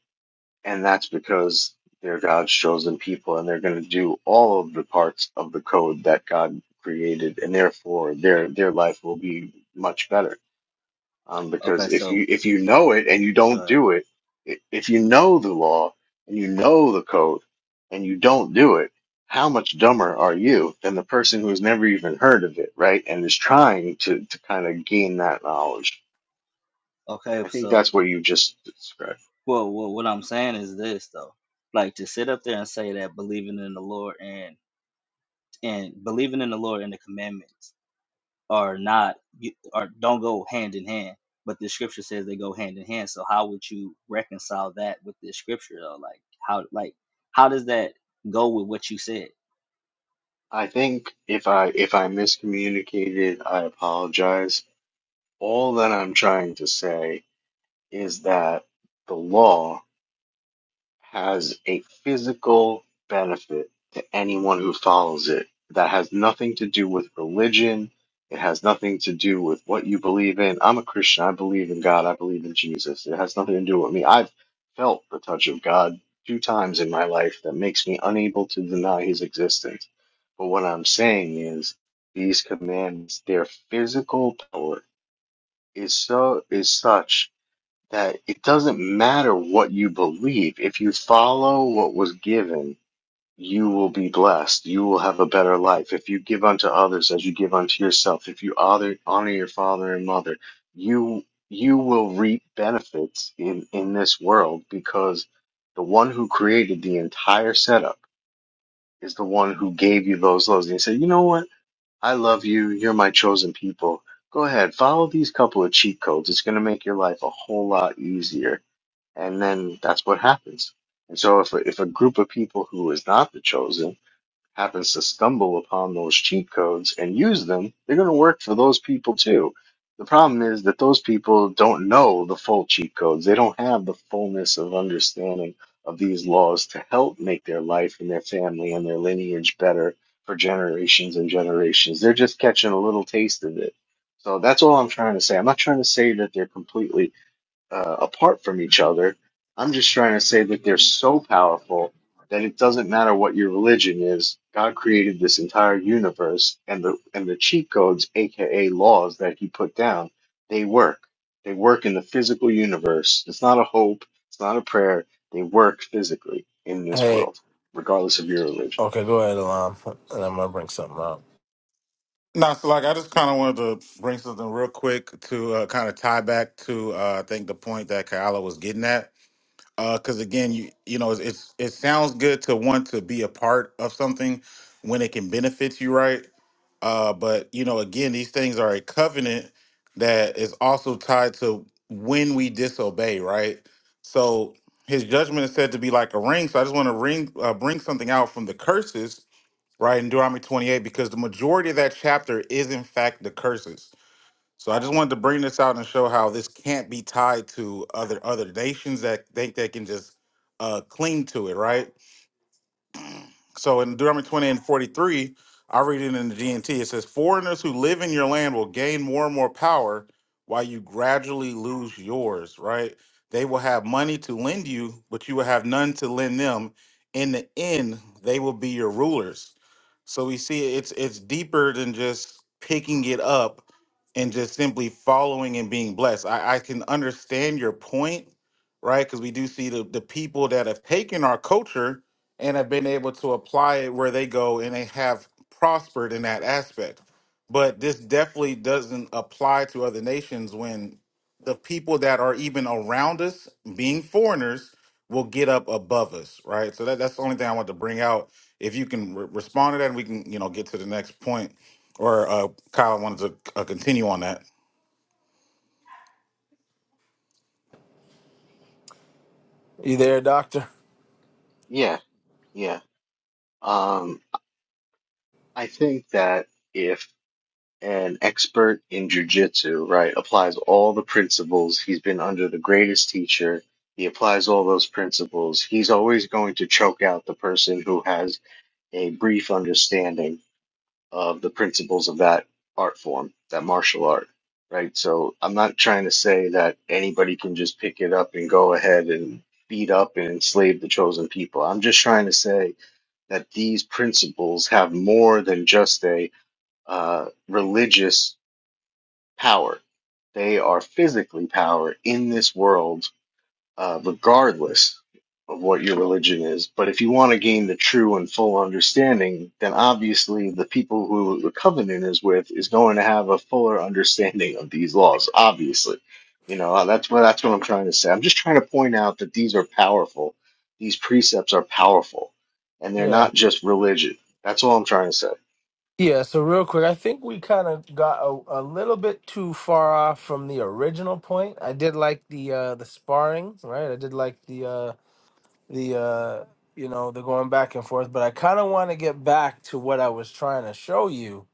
And that's because they're God's chosen people and they're going to do all of the parts of the code that God created. And therefore, their, their life will be much better. Um,
Okay,
because if
so,
you if you know it and you don't
uh,
do it, i- if you know the law and you know the code and you don't do it, how much dumber are you than the person who's never even heard of it, right? And is trying to to kind of gain that knowledge.
okay,
I think
so,
that's what you just described.
well, well, what I'm saying is this, though. Like to sit up there and say that believing in the Lord and and believing in the Lord and the commandments are not you- are don't go hand in hand. But the scripture says they go hand in hand. So how would you reconcile that with the scripture though? Like how like how does that go with what you said?
I think if I if I miscommunicated, I apologize. All that I'm trying to say is that the law has a physical benefit to anyone who follows it. That has nothing to do with religion. It has nothing to do with what you believe in. I'm a Christian. I believe in God. I believe in Jesus. It has nothing to do with me. I've felt the touch of God two times in my life that makes me unable to deny his existence. But what I'm saying is these commands, their physical power is so is such that it doesn't matter what you believe. If you follow what was given, you will be blessed. You will have a better life. If you give unto others as you give unto yourself, if you honor, honor your father and mother, you you will reap benefits in, in this world because the one who created the entire setup is the one who gave you those laws. And he said, you know what? I love you. You're my chosen people. Go ahead, follow these couple of cheat codes. It's going to make your life a whole lot easier and then that's what happens. And so, if a, if a group of people who is not the chosen happens to stumble upon those cheat codes and use them, they're going to work for those people too. The problem is that those people don't know the full cheat codes. They don't have the fullness of understanding of these laws to help make their life and their family and their lineage better for generations and generations. They're just catching a little taste of it. So that's all I'm trying to say. I'm not trying to say that they're completely uh, apart from each other. I'm just trying to say that they're so powerful that it doesn't matter what your religion is. God created this entire universe, and the and the cheat codes, aka laws, that He put down, they work. They work in the physical universe. It's not a hope. It's not a prayer. They work physically in this
Hey,
world, regardless of your religion.
Okay, go ahead, Alam, and I'm gonna bring something up.
No, so like I just kind of wanted to bring something real quick to uh, kind of tie back to uh, I think the point that Kyla was getting at. Because again, you you know, it's it's it sounds good to want to be a part of something when it can benefit you, right? Uh, but you know, again, these things are a covenant that is also tied to when we disobey, right? So His judgment is said to be like a ring. So I just want to ring uh, bring something out from the curses right in deuteronomy 28 because the majority of that chapter is in fact the curses so i just wanted to bring this out and show how this can't be tied to other other nations that think they can just uh cling to it right so in Deuteronomy 20 and 43, I read it in the GNT. It says, Foreigners who live in your land will gain more and more power while you gradually lose yours, right? They will have money to lend you, but you will have none to lend them. In the end, they will be your rulers. So we see it's it's deeper than just picking it up and just simply following and being blessed. I, I can understand your point, right? Because we do see the, the people that have taken our culture and have been able to apply it where they go and they have prospered in that aspect. But this definitely doesn't apply to other nations when the people that are even around us, being foreigners, will get up above us, right? So that, that's the only thing I want to bring out. If you can re- respond to that, we can, you know, get to the next point. Or uh, Kyle wanted to uh, continue on that.
You there, Doctor?
Yeah, yeah. Um, I think that if an expert in jujitsu, right? Applies all the principles. He's been under the greatest teacher. He applies all those principles. He's always going to choke out the person who has a brief understanding of the principles of that art form, that martial art, right? So I'm not trying to say that anybody can just pick it up and go ahead and beat up and enslave the chosen people. I'm just trying to say that these principles have more than just a uh, religious power. They are physically power in this world, uh, regardless of what your religion is. But if you want to gain the true and full understanding, then obviously the people who the covenant is with is going to have a fuller understanding of these laws. Obviously, you know uh, that's what that's what I'm trying to say. I'm just trying to point out that these are powerful. These precepts are powerful, and they're
Yeah.
not just religion. That's all I'm trying to say.
Yeah, so real quick, I think we kind of got a, a little bit too far off from the original point. I did like the uh the sparring, right? I did like the uh the uh you know, the going back and forth, but I kind of want to get back to what I was trying to show you.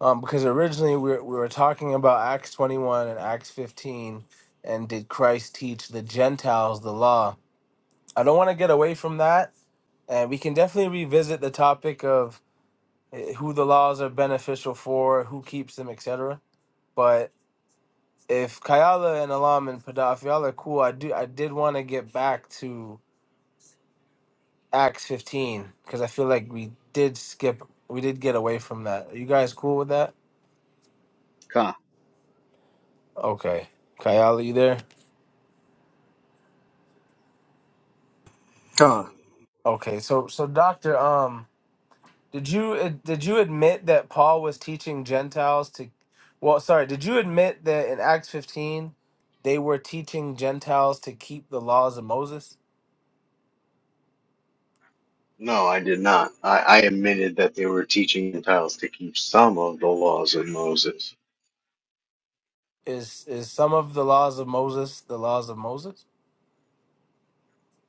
Um because originally we were, we were talking about Acts 21 and Acts 15 and did Christ teach the Gentiles the law? I don't want to get away from that and we can definitely revisit the topic of eh, who the laws are beneficial for, who keeps them, etc. But if Kayala and Alam and Padaf, y'all are cool, I do I did want to get back to Acts 15 because I feel like we did skip, we did get away from that. Are you guys cool with that?
Come.
Okay, Kayala, you there?
Con.
Okay, so so Doctor, um. Did you uh, did you admit that Paul was teaching Gentiles to well sorry, did you admit that in Acts 15 they were teaching Gentiles to keep the laws of Moses?
No, I did not. I, I admitted that they were teaching Gentiles to keep some of the laws of Moses.
Is is some of the laws of Moses the laws of Moses?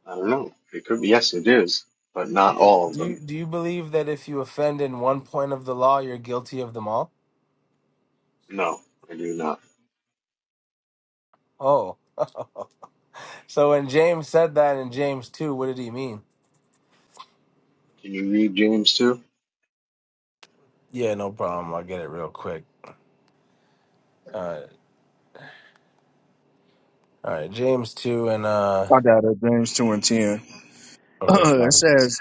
I don't know. It could be, yes, it is, but not
Okay.
all of
Do
them.
you do you believe that if you offend in one point of the law you're guilty of them all?
No, I do not.
Oh. so when James said that in James 2, what did he mean?
Can you read James too?
Yeah, no problem. I'll get it real quick. Uh, all right, James 2 and uh
I got it. James 2 and 10.
okay, come on.
it says,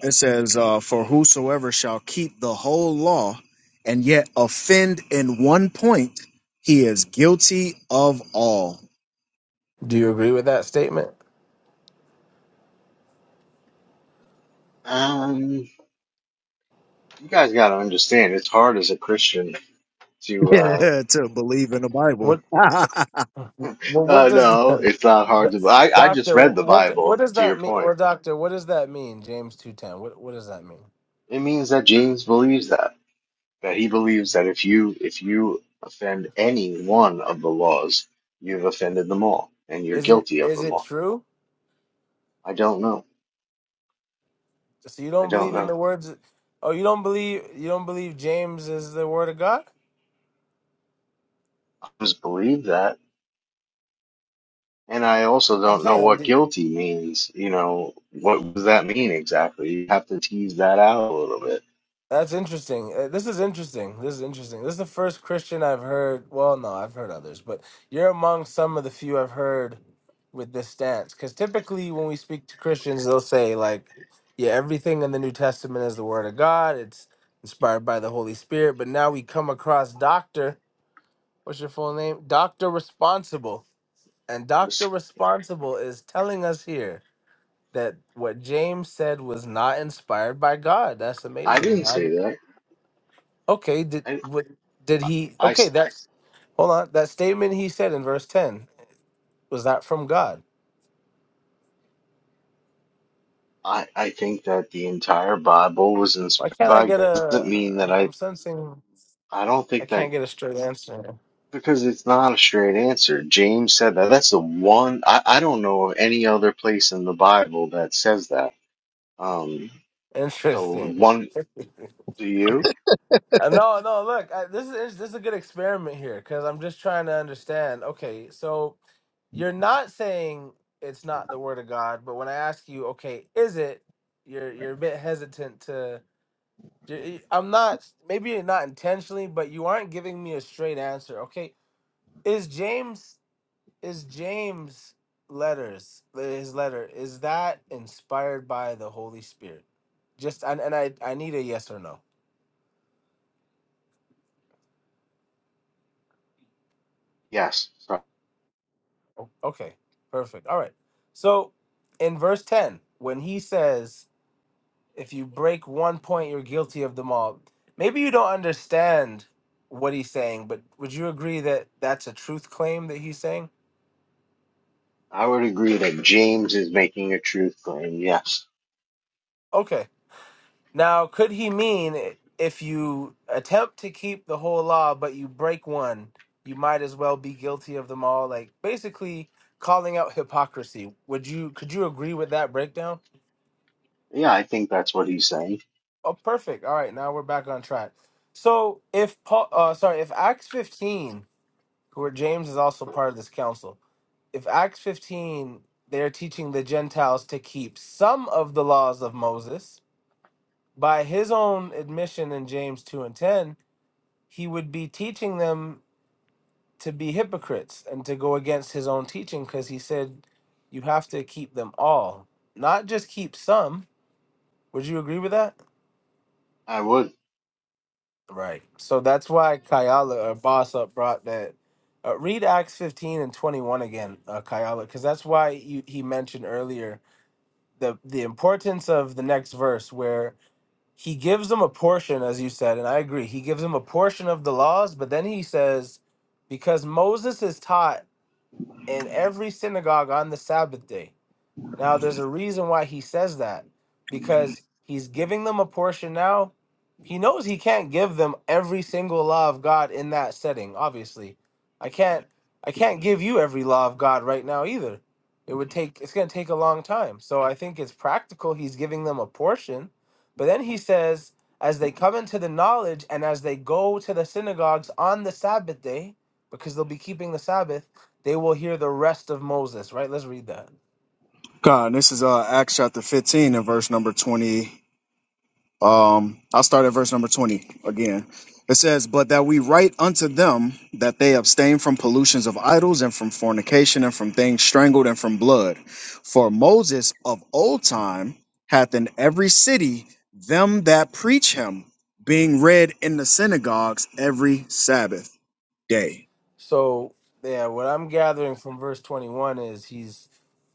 It says, uh, For whosoever shall keep the whole law and yet offend in one point, he is guilty of all.
Do you agree with that statement?
Um, you guys got to understand, it's hard as a Christian to, uh,
Yeah, to believe in the Bible.
What well, what
uh,
does
no, it's not hard to, I, I just
doctor
read the
what what
Bible,
does
to your
that mean?
point.
Or doctor, what does that mean? James two ten. What what does that mean?
It means that James believes that. that he believes that if you if you offend any one of the laws, you've offended them all, and you're
Is it
guilty of
is
them
it
all.
true?
I don't know.
So you
I
don't
don't
believe in
know.
the words? Oh, you don't believe you don't believe James is the word of God?
I just believe that, and I also
I'm
don't know what
saying.
guilty means. You know, what does that mean exactly? You have to tease that out a little bit.
That's interesting. Uh, This is interesting. This is interesting. This is the first Christian I've heard. Well, no, I've heard others, but you're among some of the few I've heard with this stance. Because typically, when we speak to Christians, they'll say like, "Yeah, everything in the New Testament is the Word of God. It's inspired by the Holy Spirit." But now we come across Doctor. What's your full name? Doctor Responsible, and
Was-
Doctor Responsible is telling us here that what James said was not inspired by God. That's
I
amazing,
didn't say
man.
that.
Okay, did
I
what did he?
I s-
Okay, that's hold on. That statement he said in verse ten was that from God?
I- I think that the entire Bible was
Why
inspired
can't I
by
get
God. Doesn't
a?
mean that
I'm,
I.
I'm sensing
I don't
I
think that
can't get a straight answer.
Because it's not a straight answer. James said that. That's the one I, I don't know of any other place in the Bible that says that. Um, so
Interesting.
one do you?
Uh, no, no. Look, I, this is this is a good experiment here because I'm just trying to understand. Okay, so you're not saying it's not the word of God, but when I ask you, okay, is it? You're you're a bit hesitant to. i I'm not. Maybe not intentionally, but you aren't giving me a straight answer. Okay, is James is James letters eh, his letter is that inspired by the Holy Spirit? Just and, and I I need a yes or no.
Yes. So
O- Okay, perfect. All right. So in verse ten, when he says, "If you break one point, you're guilty of them all," maybe you don't understand what he's saying, but would you agree that that's a truth claim that he's saying?
I would agree that James is making a truth claim. Yes.
Okay Now, could he mean if you attempt to keep the whole law but you break one, you might as well be guilty of them all? Like basically calling out hypocrisy. Would you could you agree with that breakdown?
Yeah, I think that's what he's saying.
Oh, perfect. All right, now we're back on track. So, if Paul, uh, sorry, if Acts 15, where James is also part of this council, if Acts 15, they're teaching the Gentiles to keep some of the laws of Moses by his own admission in James 2 and 10 he would be teaching them to be hypocrites and to go against his own teaching because he said you have to keep them all not just keep some would you agree with that
I would.
right so that's why kayala or boss up brought that uh, read acts 15 and 21 again uh, kayala because that's why you, he mentioned earlier the the importance of the next verse where he gives them a portion as you said and i agree he gives them a portion of the laws but then he says because moses is taught in every synagogue on the Sabbath day. Now, there's a reason why he says that because he's giving them a portion now. He knows he can't give them every single law of God in that setting, obviously. I can't I can't give you every law of God right now either. It would take it's going to take a long time. So I think it's practical he's giving them a portion, but then he says as they come into the knowledge and as they go to the synagogues on the Sabbath day because they'll be keeping the Sabbath, they will hear the rest of Moses, right? Let's read that.
God, this is uh, Acts chapter 15 and verse number 20. Um, I'll start at verse number 20 again. It says, But that we write unto them that they abstain from pollutions of idols and from fornication and from things strangled and from blood. For Moses of old time hath in every city them that preach him, being read in the synagogues every Sabbath day.
So yeah, what I'm gathering from verse 21 is he's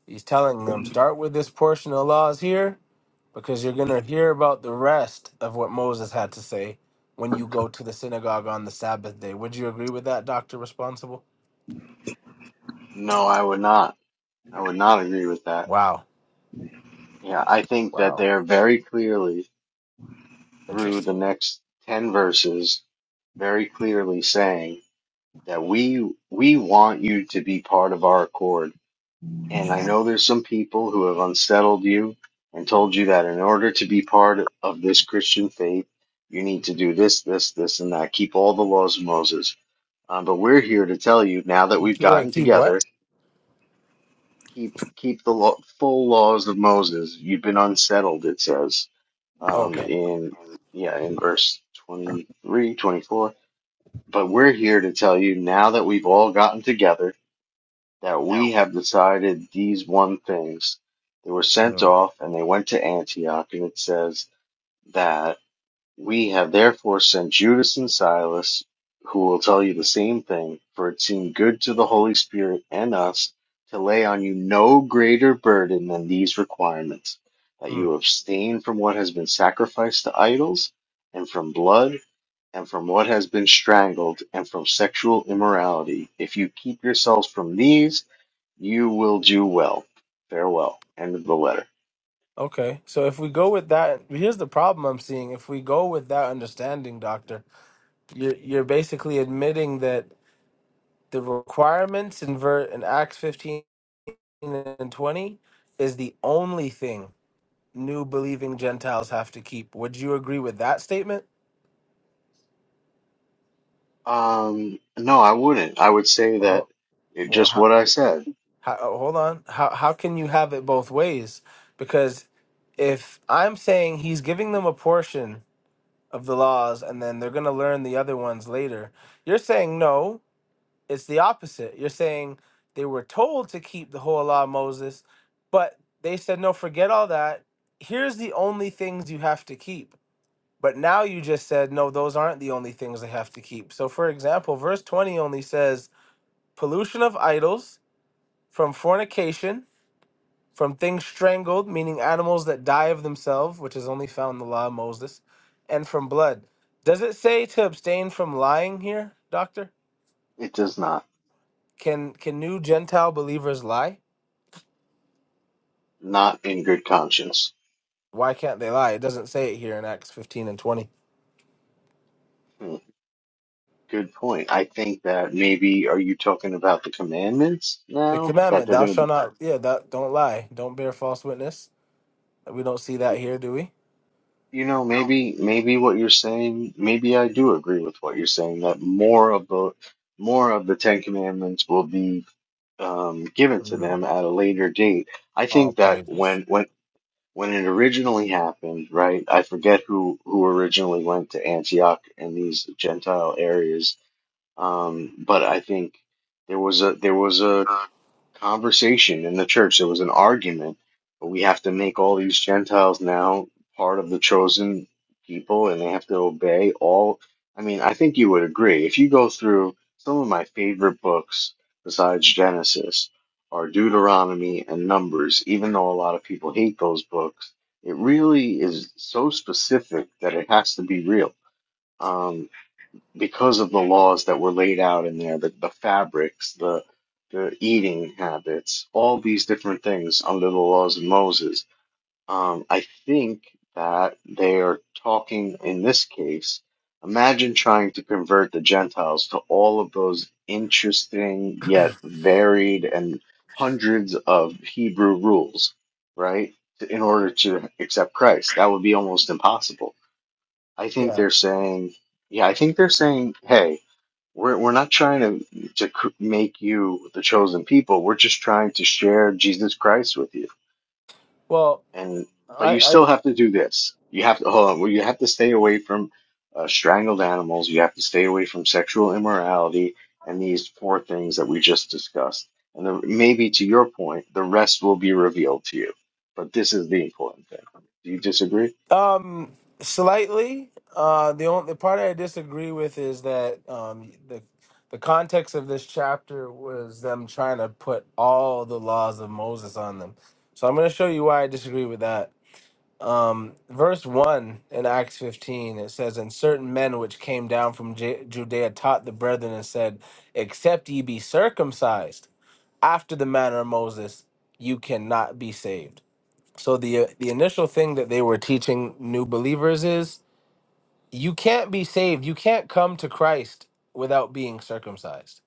he's telling them start with this portion of laws here because you're going to hear about the rest of what Moses had to say when you go to the synagogue on the Sabbath day. Would you agree with that, Doctor Responsible?
No, I would not. I would not agree with that.
Wow,
Yeah, I think that
wow,
they are very clearly through the
interesting.
next 10 verses very clearly saying that we we want you to be part of our accord. And I know there's some people who have unsettled you and told you that in order to be part of this Christian faith, you need to do this, this, this, and that. Keep all the laws of Moses. Um, but we're here to tell you now that we've gotten
Wait, keep what?
together, keep keep the law, full laws of Moses. You've been unsettled, it says
Oh,
um,
Okay.
in yeah in verse 23, 24. But we're here to tell you now that we've all gotten together that we
No.
have decided these one things. They were sent
Mm.
off, and they went to Antioch, and it says that we have therefore sent Judas and Silas, who will tell you the same thing, for it seemed good to the Holy Spirit and us to lay on you no greater burden than these requirements, that
Mm.
you abstain from what has been sacrificed to idols, and from blood, and from what has been strangled, and from sexual immorality. If you keep yourselves from these, you will do well. Farewell. End of the letter.
Okay, so if we go with that, here's the problem I'm seeing. If we go with that understanding, Doctor. you're you're basically admitting that the requirements in ver in Acts 15 and 20 is the only thing new believing Gentiles have to keep. Would you agree with that statement?
Um, no, I wouldn't. I would say that
Oh,
it,
well,
just
how,
what I said.
how, oh, hold on. How how can you have it both ways? Because if I'm saying he's giving them a portion of the laws and then they're going to learn the other ones later, you're saying no. It's the opposite. You're saying they were told to keep the whole law of Moses, but they said, no, forget all that. Here's the only things you have to keep. But now you just said, no, those aren't the only things they have to keep. So, for example, verse 20 only says pollution of idols from fornication, from things strangled, meaning animals that die of themselves, which is only found in the law of Moses, and from blood. Does it say to abstain from lying here, doctor?
It does not.
Can can new Gentile believers lie?
Not in good conscience.
Why can't they lie? It doesn't say it here in Acts 15 and 20.
Hmm. Good point. I think that maybe are you talking about the commandments
The
now that
commandment,
they're
thou
going to
shalt
be.
not, yeah, that, don't lie, don't bear false witness. We don't see that here, do we?
You know, maybe maybe what you're saying, maybe I do agree with what you're saying that more of the more of the Ten Commandments will be um, given to
Mm,
them at a later date. I think
all
that
praises.
when when when it originally happened, right? I forget who who originally went to Antioch and these Gentile areas, um, but I think there was a there was a conversation in the church. There was an argument, but we have to make all these Gentiles now part of the chosen people, and they have to obey all. I mean, I think you would agree. If you go through some of my favorite books besides Genesis are Deuteronomy and Numbers, even though a lot of people hate those books, it really is so specific that it has to be real. Um, because of the laws that were laid out in there, the, the fabrics, the the eating habits, all these different things under the laws of Moses. Um, I think that they are talking in this case. Imagine trying to convert the Gentiles to all of those interesting yet varied and hundreds of Hebrew rules, right? In order to accept Christ, that would be almost impossible. I think
Yeah.
they're saying yeah, I think they're saying, hey, we're we're not trying to to cr- make you the chosen people. We're just trying to share Jesus Christ with you.
Well,
And but you
I,
still have to do this. You have to hold on. Well, you have to stay away from uh, strangled animals. You have to stay away from sexual immorality and these four things that we just discussed. And the, maybe to your point, the rest will be revealed to you. But this is the important thing. Do you disagree?
I um slightly uh the only the part I disagree with is that um the the context of this chapter was them trying to put all the laws of Moses on them. So I'm going to show you why I disagree with that. Um, verse 1 in Acts 15, it says, And certain men which came down from Ju- Judea taught the brethren and said, Except ye be circumcised after the manner of Moses, you cannot be saved. So the uh, the initial thing that they were teaching new believers is you can't be saved. You can't come to Christ without being circumcised,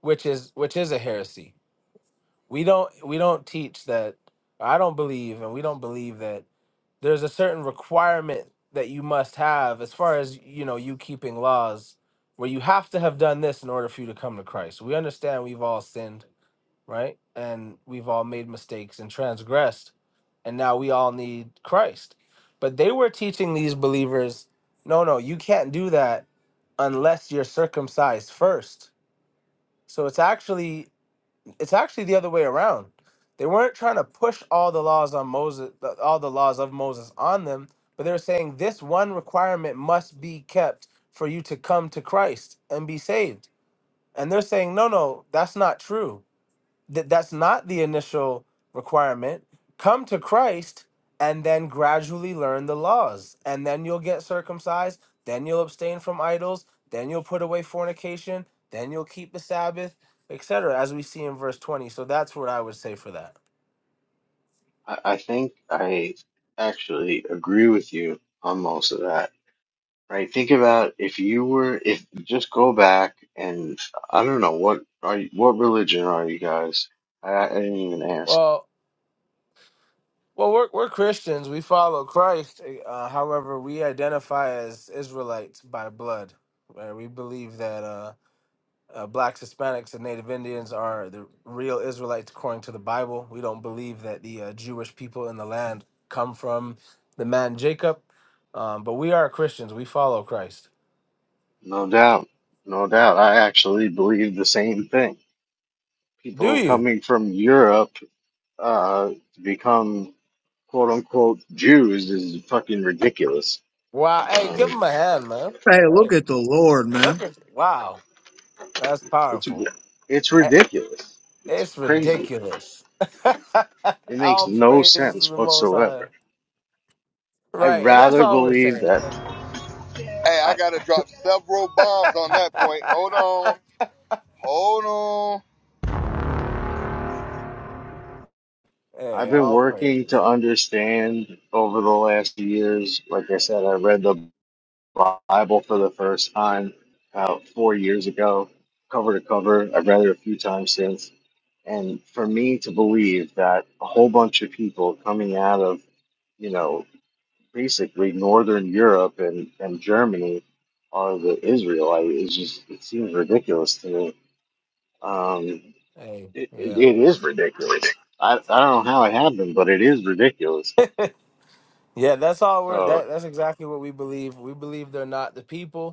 which is which is a heresy. We don't we don't teach that I don't believe and we don't believe that there's a certain requirement that you must have as far as you know you keeping laws where you have to have done this in order for you to come to christ we understand we've all sinned right and we've all made mistakes and transgressed and now we all need christ but they were teaching these believers no no you can't do that unless you're circumcised first so it's actually it's actually the other way around. They weren't trying to push all the laws on Moses, all the laws of Moses on them, but they were saying this one requirement must be kept for you to come to Christ and be saved. And they're saying, no, no, that's not true that that's not the initial requirement. Come to Christ and then gradually learn the laws. And then you'll get circumcised, then you'll abstain from idols, then you'll put away fornication, then you'll keep the Sabbath, etc., as we see in verse 20. So that's what I would say for that.
I, I think I actually agree with you on most of that right? Think about if you were, if just go back and I don't know what are you, what religion are you guys? I, I didn't even ask.
Well, well, we're, we're Christians. We follow Christ. Uh, however, we identify as Israelites by blood. Right? We believe that. uh uh, blacks, Hispanics, and Native Indians are the real Israelites according to the Bible. We don't believe that the uh, Jewish people in the land come from the man Jacob, um, but we are Christians. We follow Christ.
No doubt, no doubt. I actually believe the same thing.
Do
People
you?
coming from Europe uh, to become quote unquote Jews is fucking ridiculous.
Wow. Hey, give
Um,
him a hand, man.
Hey, look
Hey,
at the Lord,
look
man.
at wow. That's
it's
powerful.
it's
Eh,
ridiculous. It's
It's
crazy.
ridiculous.
It makes
all
no
praises to
sense
the Most High.
whatsoever. I
Right, and that's
rather
all we're
believe
saying.
that.
Hey, I gotta drop several bombs on that point. Hold on, hold on.
I've
hey,
been
all
working to
praises.
understand over the last years. Like I said, I read the Bible for the first time about four years ago, cover to cover. I've read it a few times since. And for me to believe that a whole bunch of people coming out of, you know, basically Northern Europe and, and Germany are the Israelite is just, it seems ridiculous to me. Um,
Hey,
it, it,
yeah.
it is ridiculous. I, I don't know how it happened, but it is ridiculous.
Yeah, that's all we're
So,
that that's exactly what we believe. We believe they're not the people.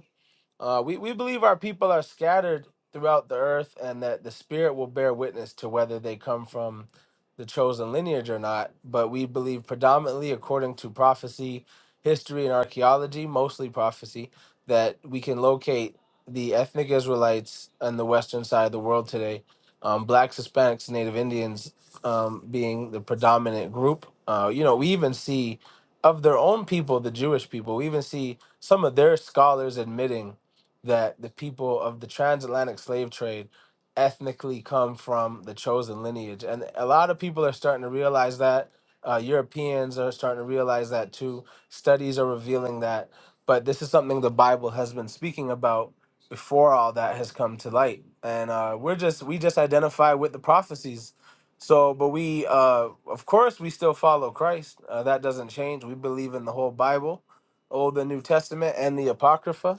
Uh, we, we believe our people are scattered throughout the earth and that the Spirit will bear witness to whether they come from the chosen lineage or not. But we believe predominantly, according to prophecy, history, and archaeology, mostly prophecy, that we can locate the ethnic Israelites on the western side of the world today, um, blacks, Hispanics, Native Indians um, being the predominant group. Uh, you know, we even see of their own people, the Jewish people, we even see some of their scholars admitting that the people of the transatlantic slave trade ethnically come from the chosen lineage. And a lot of people are starting to realize that. Uh, Europeans are starting to realize that too. Studies are revealing that. But this is something the Bible has been speaking about before all that has come to light. And uh, we're just, we just identify with the prophecies. So, but we, uh, of course, we still follow Christ. Uh, that doesn't change. We believe in the whole Bible, Old and New Testament, and the Apocrypha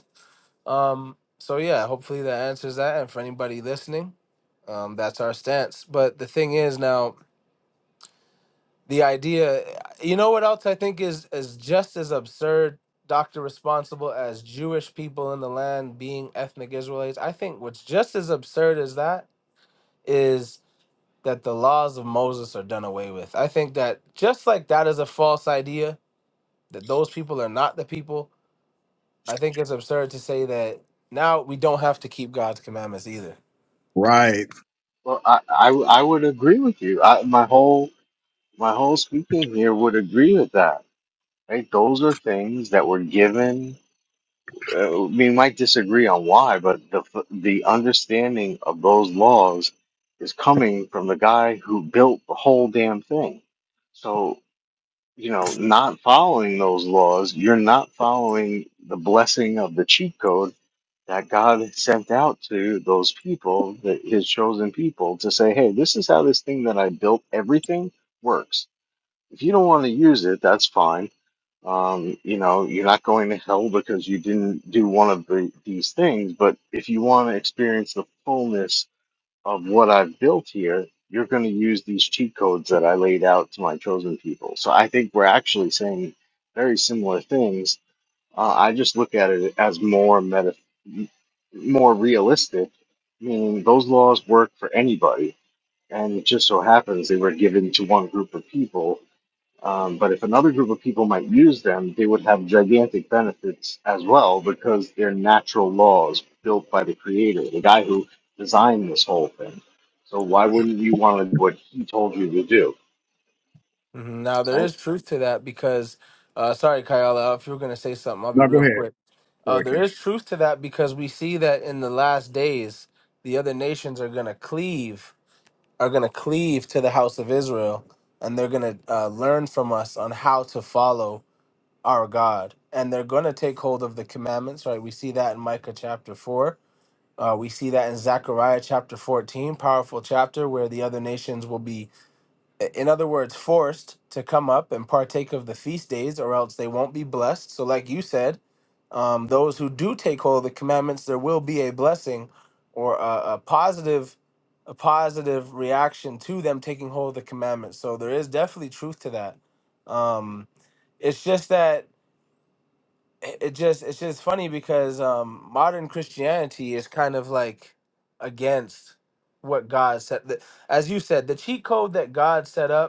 um, so yeah, hopefully that answers that. And for anybody listening, um, that's our stance. But the thing is now, the idea, you know what else I think is is just as absurd, Dr. Responsible, as Jewish people in the land being ethnic Israelites. I think what's just as absurd as that is that the laws of Moses are done away with. I think that just like that is a false idea, that those people are not the people, I think it's absurd to say that now we don't have to keep God's commandments either
Right.
well, I, I, I would agree with you. I, my whole my whole speaking here would agree with that. Right? Those are things that were given. Uh, we might disagree on why, but the f- the understanding of those laws is coming from the guy who built the whole damn thing. So you know, not following those laws, you're not following the blessing of the cheat code that God sent out to those people, that his chosen people, to say, hey, this is how this thing that I built, everything works. If you don't want to use it, that's fine. Um, you know, you're not going to hell because you didn't do one of the, these things. But if you want to experience the fullness of what I've built here, you're going to use these cheat codes that I laid out to my chosen people. So I think we're actually saying very similar things. Uh, I just look at it as more meta, more realistic, meaning those laws work for anybody, and it just so happens they were given to one group of people um, but if another group of people might use them, they would have gigantic benefits as well because they're natural laws built by the creator, the guy who designed this whole thing. So why wouldn't you want to do what he told you to do,
Mhm. Now there
right?
is truth to that because, uh, sorry, Kayala, if you were gonna say something, I'll be
No, go
real
ahead.
quick. Uh,
Boy,
there
King.
is truth to that because we see that in the last days, the other nations are gonna cleave, are gonna cleave to the house of Israel, and they're gonna uh, learn from us on how to follow our God, and they're gonna take hold of the commandments. Right? We see that in Micah chapter four. Uh, we see that in Zechariah chapter 14, powerful chapter where the other nations will be i- in other words, forced to come up and partake of the feast days, or else they won't be blessed. So, like you said, um, those who do take hold of the commandments, there will be a blessing or a, a positive, a positive reaction to them taking hold of the commandments. So there is definitely truth to that. Um, it's just that it it just it's just funny because um, modern Christianity is kind of like against what God said. The- As you said, the cheat code that God set up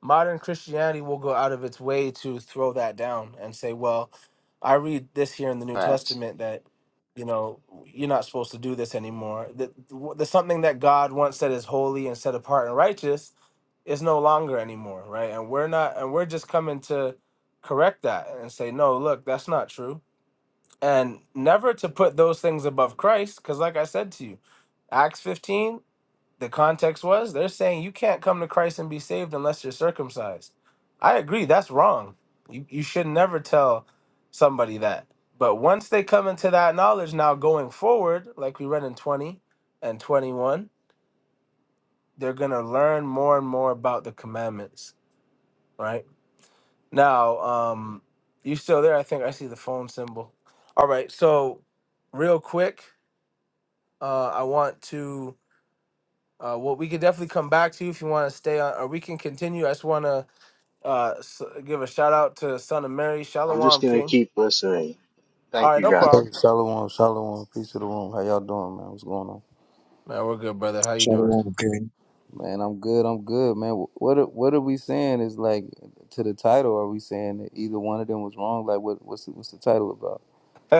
modern Christianity will go out of its way to throw that down and say, well, I read this here in the New
Facts.
Testament that, you know, you're not supposed to do this anymore. That the something that God once said is holy and set apart and righteous is no longer anymore, right? And we're not, and we're just coming to correct that and say, no, look, that's not true. And never to put those things above Christ, because like I said to you, Acts 15 the context was they're saying you can't come to Christ and be saved unless you're circumcised. I agree, that's wrong. You, you should never tell somebody that. But once they come into that knowledge now going forward, like we read in 20 and 21, they're going to learn more and more about the commandments, right? Now, um, you still there? I think I see the phone symbol. All right, so real quick, uh, I want to. Uh, well, we could definitely come back to you if you want to stay on, or we can continue. I just want to uh, s- give a shout out to Son of Mary,
I'm just
Shalom
gonna
King.
keep listening.
All
Thank
right,
you
no
guys.
problem.
Hey, shalom, shalom, peace to the room. How y'all doing, man? What's going on?
Man, we're good, brother. How you doing?
Shalom, King.
Man, I'm good. I'm good, man. Wh- What are, what are we saying? Is like to the title? Are we saying that either one of them was wrong? Like, what what's the, what's the title about?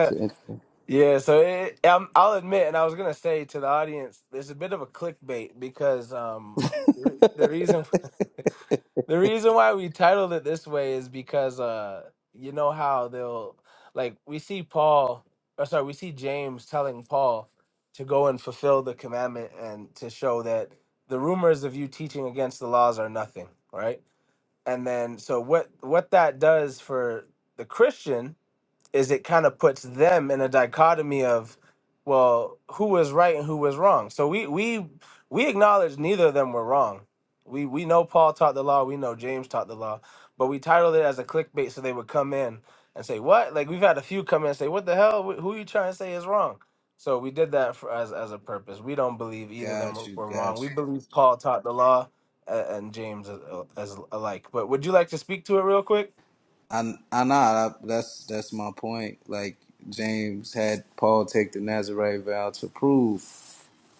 It's an interesting.
yeah, so it, um, I'll admit, and I was gonna say to the audience, there's a bit of a clickbait because um, re- the reason The reason why we titled it this way is because uh you know how they'll like we see Paul or sorry, we see James telling Paul to go and fulfill the commandment and to show that the rumors of you teaching against the laws are nothing, right? And then so what what that does for the Christian is it kind of puts them in a dichotomy of well who was right and who was wrong so we we we acknowledge neither of them were wrong we we know paul taught the law we know james taught the law but we titled it as a clickbait so they would come in and say what like we've had a few come in and say what the hell Wh- who you trying to say is wrong so we did that for, as as a purpose we don't believe either of them
Got
were,
you,
were wrong
got
we
you.
believe paul taught the law a- and james as, as alike but would you like to speak to it real quick
I, I not. I, that's that's my point. Like James had Paul take the Nazarite vow to prove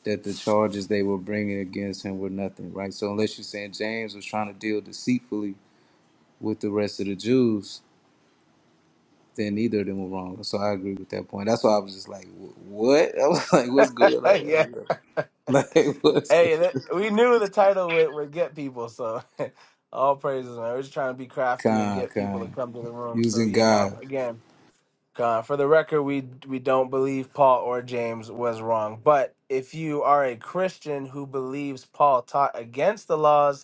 that the charges they were bringing against him were nothing, right? So unless you're saying James was trying to deal deceitfully with the rest of the Jews, then neither of them were wrong. So I agree with that point. That's why I was just like, "Wh- what? I was like, what's going on? Like, what's good?
Hey, that, we knew the title would, would get people, so all praises, man. We're just trying to be crafty and
Con,
get people to
con.
come to the room. So
Using
yeah, no,
God.
again, uh, for the record, we we don't believe Paul or James was wrong. But if you are a Christian who believes Paul taught against the laws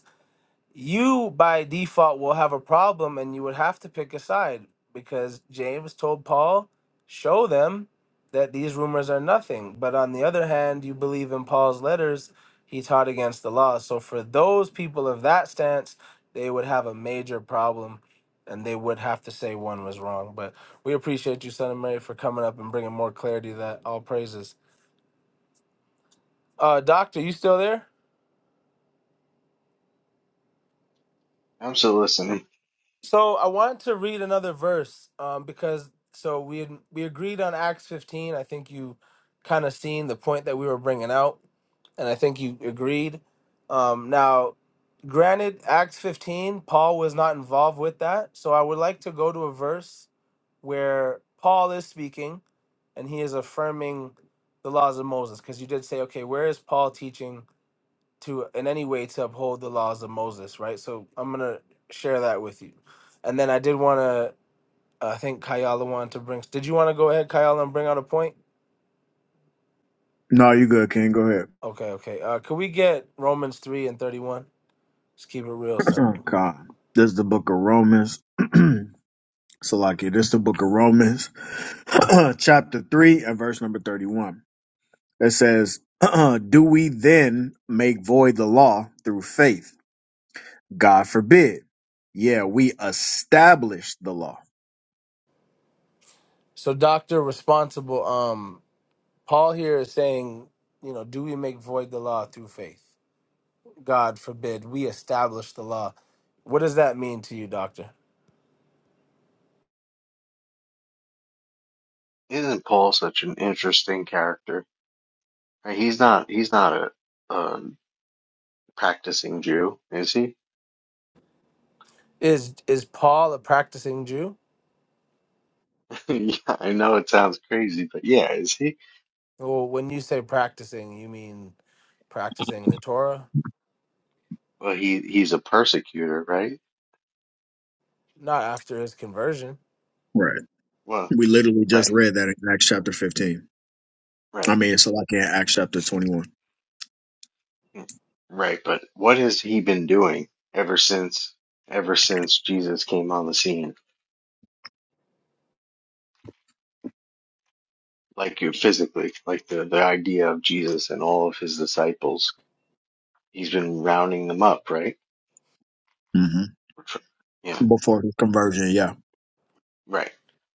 you by default will have a problem and you would have to pick a side because James told Paul, show them that these rumors are nothing. But on the other hand, you believe in Paul's letters, he taught against the law. So for those people of that stance, they would have a major problem and they would have to say one was wrong. But we appreciate you, Son of Mary, for coming up and bringing more clarity to that. All praises. Uh, doctor, you still there?
I'm still listening.
So I wanted to read another verse um, because so we had, we agreed on Acts 15. I think you kind of seen the point that we were bringing out, and I think you agreed. Um, now, granted, Acts 15, Paul was not involved with that, so I would like to go to a verse where Paul is speaking and he is affirming the laws of Moses because you did say, okay, where is Paul teaching? to in any way to uphold the laws of Moses, right? So I'm gonna share that with you. And then I did want to, I think Kayala wanted to bring. Did you want to go ahead, Kayala, and bring out a point?
No, you good, King. Go ahead.
Okay, okay. Uh, could we get Romans three and thirty Just keep it real
Oh
simple.
God. This is the book of Romans. so like it, this is the book of Romans, chapter three and verse number thirty-one. It says, Do we then make void the law through faith? God forbid. Yeah, we established the law.
So, Doctor Responsible, um, Paul here is saying, you know, do we make void the law through faith? God forbid. We establish the law. What does that mean to you, Doctor?
Isn't Paul such an interesting character? Right, He's not. He's not a, a practicing Jew, is he?
Is is Paul a practicing Jew?
yeah, I know it sounds crazy, but yeah, is he?
Well, when you say practicing, you mean practicing the Torah,
Well, he he's a persecutor, right?
not after his conversion.
Right.
Well,
We literally just
right,
read that in Acts chapter fifteen. I
right,
mean, it's like in Acts chapter twenty-one.
mm, right. But what has he been doing ever since ever since Jesus came on the scene? Like you physically, like the the idea of Jesus and all of his disciples, he's been rounding them up, right?
hmm
Or Tr- Yeah,
Before his conversion, yeah.
right.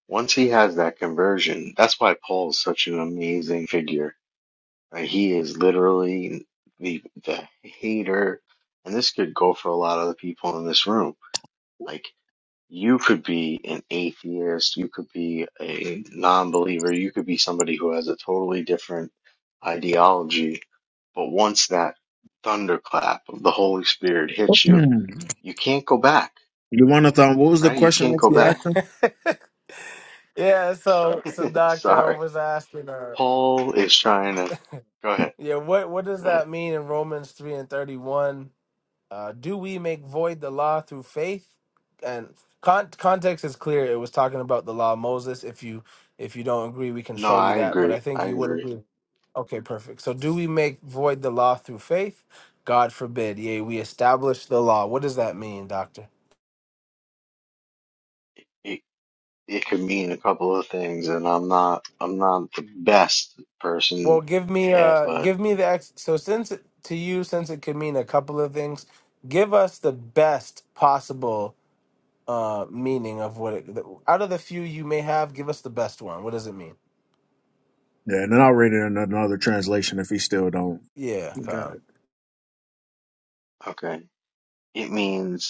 Once he has that conversion, that's why Paul is such an amazing figure. Like, he is literally the the hater, and this could go for a lot of the people in this room. like. you could be an atheist, you could be a non-believer, you could be somebody who has a totally different ideology, but once that thunderclap of the Holy Spirit hits you,
You
you can't go back,
want to What was the
right? You
question
can't
that
go
you
Yeah,
back.
asked him?
yeah. So, so doctor,
Sorry.
I was asking her.
Paul is trying to go ahead.
Yeah, what what does
Go ahead.
that mean in Romans three and thirty one? Uh, do we make void the law through faith? And con- context is clear. It was talking about the law of Moses. If you if you don't agree, we can
No,
show you
I
that. But I
agree. I
think you would
agree.
agree. Okay, perfect. So do we make void the law through faith? God forbid. Yea, we establish the law. What does that mean, doctor?
It it could mean a couple of things and I'm not I'm not the best
Well,
person
give me
to ask,
uh
but
give me the ex- so since it, to you since it could mean a couple of things, give us the best possible uh meaning of what it out of the few you may have, give us the best one. What does it mean?
Yeah, and then I'll read it in another translation if he still don't.
Yeah,
Got
kind. of.
it.
okay. It means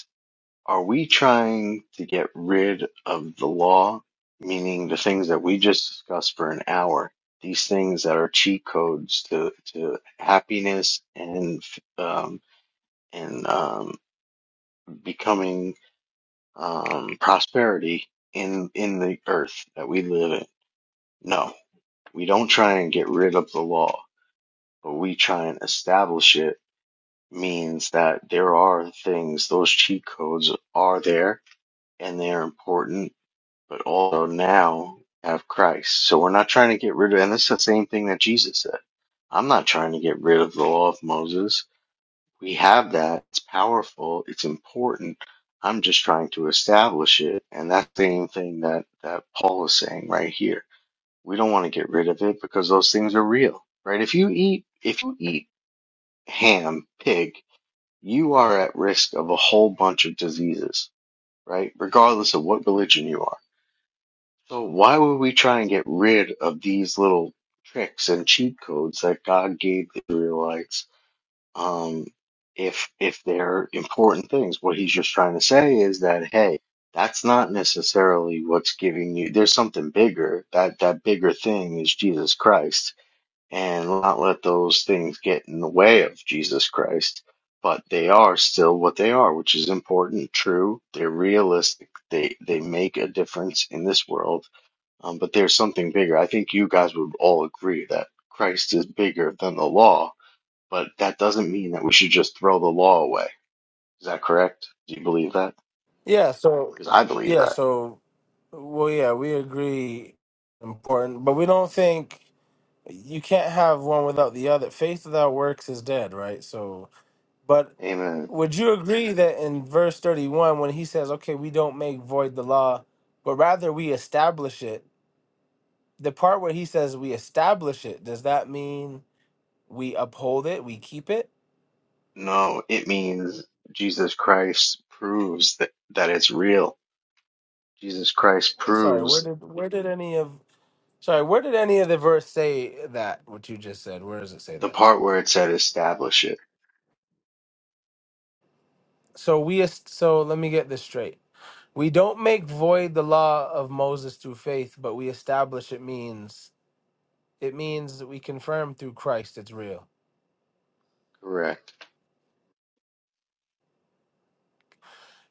Are we trying to get rid of the law, meaning the things that we just discussed for an hour, these things that are cheat codes to, to happiness and um, and um, becoming um, prosperity in in the earth that we live in? No, we don't try and get rid of the law, but we try and establish it. Means that there are things; those cheat codes are there, and they're important but also now have Christ. So we're not trying to get rid of, and this is the same thing that Jesus said. I'm not trying to get rid of the law of Moses. We have that. It's powerful. It's important. I'm just trying to establish it. And that's the same thing that, that Paul is saying right here. We don't want to get rid of it because those things are real, right? If you eat, if you eat ham, pig, you are at risk of a whole bunch of diseases, right? Regardless of what religion you are So why would we try and get rid of these little tricks and cheat codes that God gave the Israelites? Um, if if they're important things, what he's just trying to say is that hey, that's not necessarily what's giving you. There's something bigger. That that bigger thing is Jesus Christ, and not let those things get in the way of Jesus Christ. But they are still what they are, which is important, true. They're realistic. They they make a difference in this world um, but there's something bigger. I think you guys would all agree that Christ is bigger than the law, but that doesn't mean that we should just throw the law away. Is that correct? Do you believe that?
Yeah, so
Because I believe
yeah,
that.
so well, yeah, we agree important, but we don't think you can't have one without the other. Faith without works is dead, right? So, but
Amen.
would you agree that in verse 31 when he says, "Okay, we don't make void the law, but rather we establish it." The part where he says we establish it, does that mean we uphold it, we keep it?
No, it means Jesus Christ proves that, that it's real. Jesus Christ
Sorry, where
proves
did where did any of Sorry, where did any of the verse say that? What you just said, where does it say
the
that?
part where it said establish it.
So we, est- so let me get this straight. We don't make void the law of Moses through faith, but we establish it means it means that we confirm through Christ it's real.
Correct.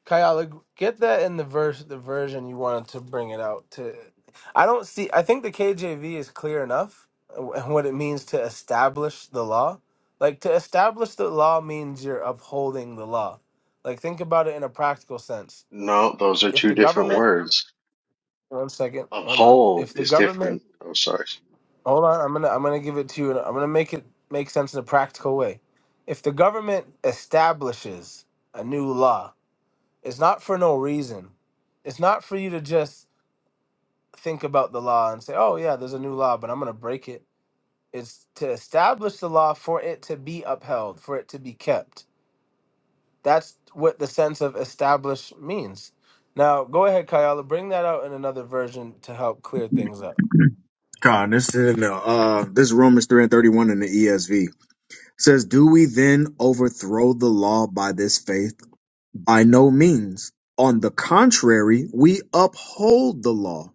Kayala, get that in the verse, the version you wanted to bring it out to. I don't see. I think the KJV is clear enough uh, what it means to establish the law. Like to establish the law means you're upholding the law. Like think about it in a practical sense
No, those are
if
two
the
different
government
words.
one second hold on
Uphold
if the
is
government
different. Oh, sorry.
hold on i'm gonna i'm gonna give it to you and i'm gonna make it make sense in a practical way if the government establishes a new law it's not for no reason it's not for you to just think about the law and say oh yeah there's a new law but i'm gonna break it it's to establish the law for it to be upheld for it to be kept that's what the sense of establish means now go ahead kayala bring that out in another version to help clear things up
Con, this is in the, uh, this is Romans three and thirty one in the ESV It says, "Do we then overthrow the law by this faith? By no means. On the contrary, we uphold the law.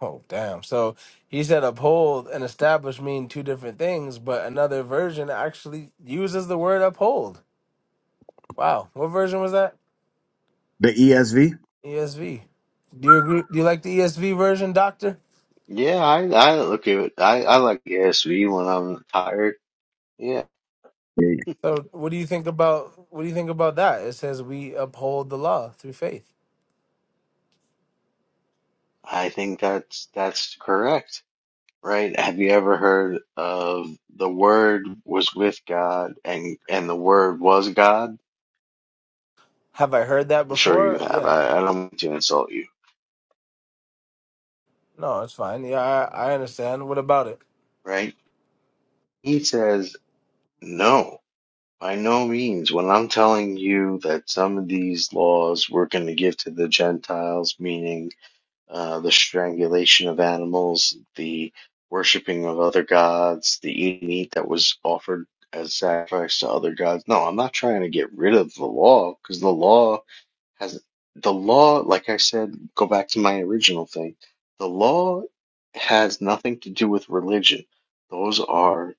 Oh, damn. So he said uphold and establish mean two different things, but another version actually uses the word uphold. Wow. What version was that?
The ESV.
ESV. Do you agree? Do you like the ESV version, Doctor?
Yeah, I I look at it. I I like ESV when I'm tired. Yeah,
So what do you think about what do you think about that? It says we uphold the law through faith.
I think that's that's correct, right? Have you ever heard of the Word was with God and and the Word was God?
Have I heard that
I'm sure you
before?
have.
Yeah.
I, I don't mean to insult you,
No, it's fine. Yeah, I, I understand. What about it?
right? He says no. By no means. When I'm telling you that some of these laws we're going to give to the Gentiles, meaning uh, the strangulation of animals, the worshiping of other gods, the eating meat that was offered as sacrifice to other gods. No, I'm not trying to get rid of the law because the law has the law, like I said, go back to my original thing. The law has nothing to do with religion. Those are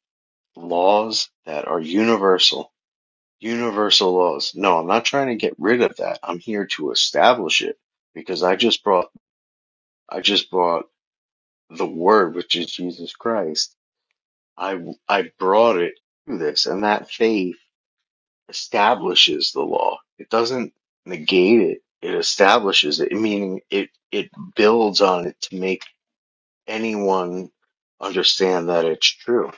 laws that are universal, universal laws. No, I'm not trying to get rid of that. I'm here to establish it because I just brought I just brought the word, which is Jesus Christ, I, I brought it through this. And that faith establishes the law. It doesn't negate it. It establishes it, meaning it, it builds on it to make anyone understand that it's true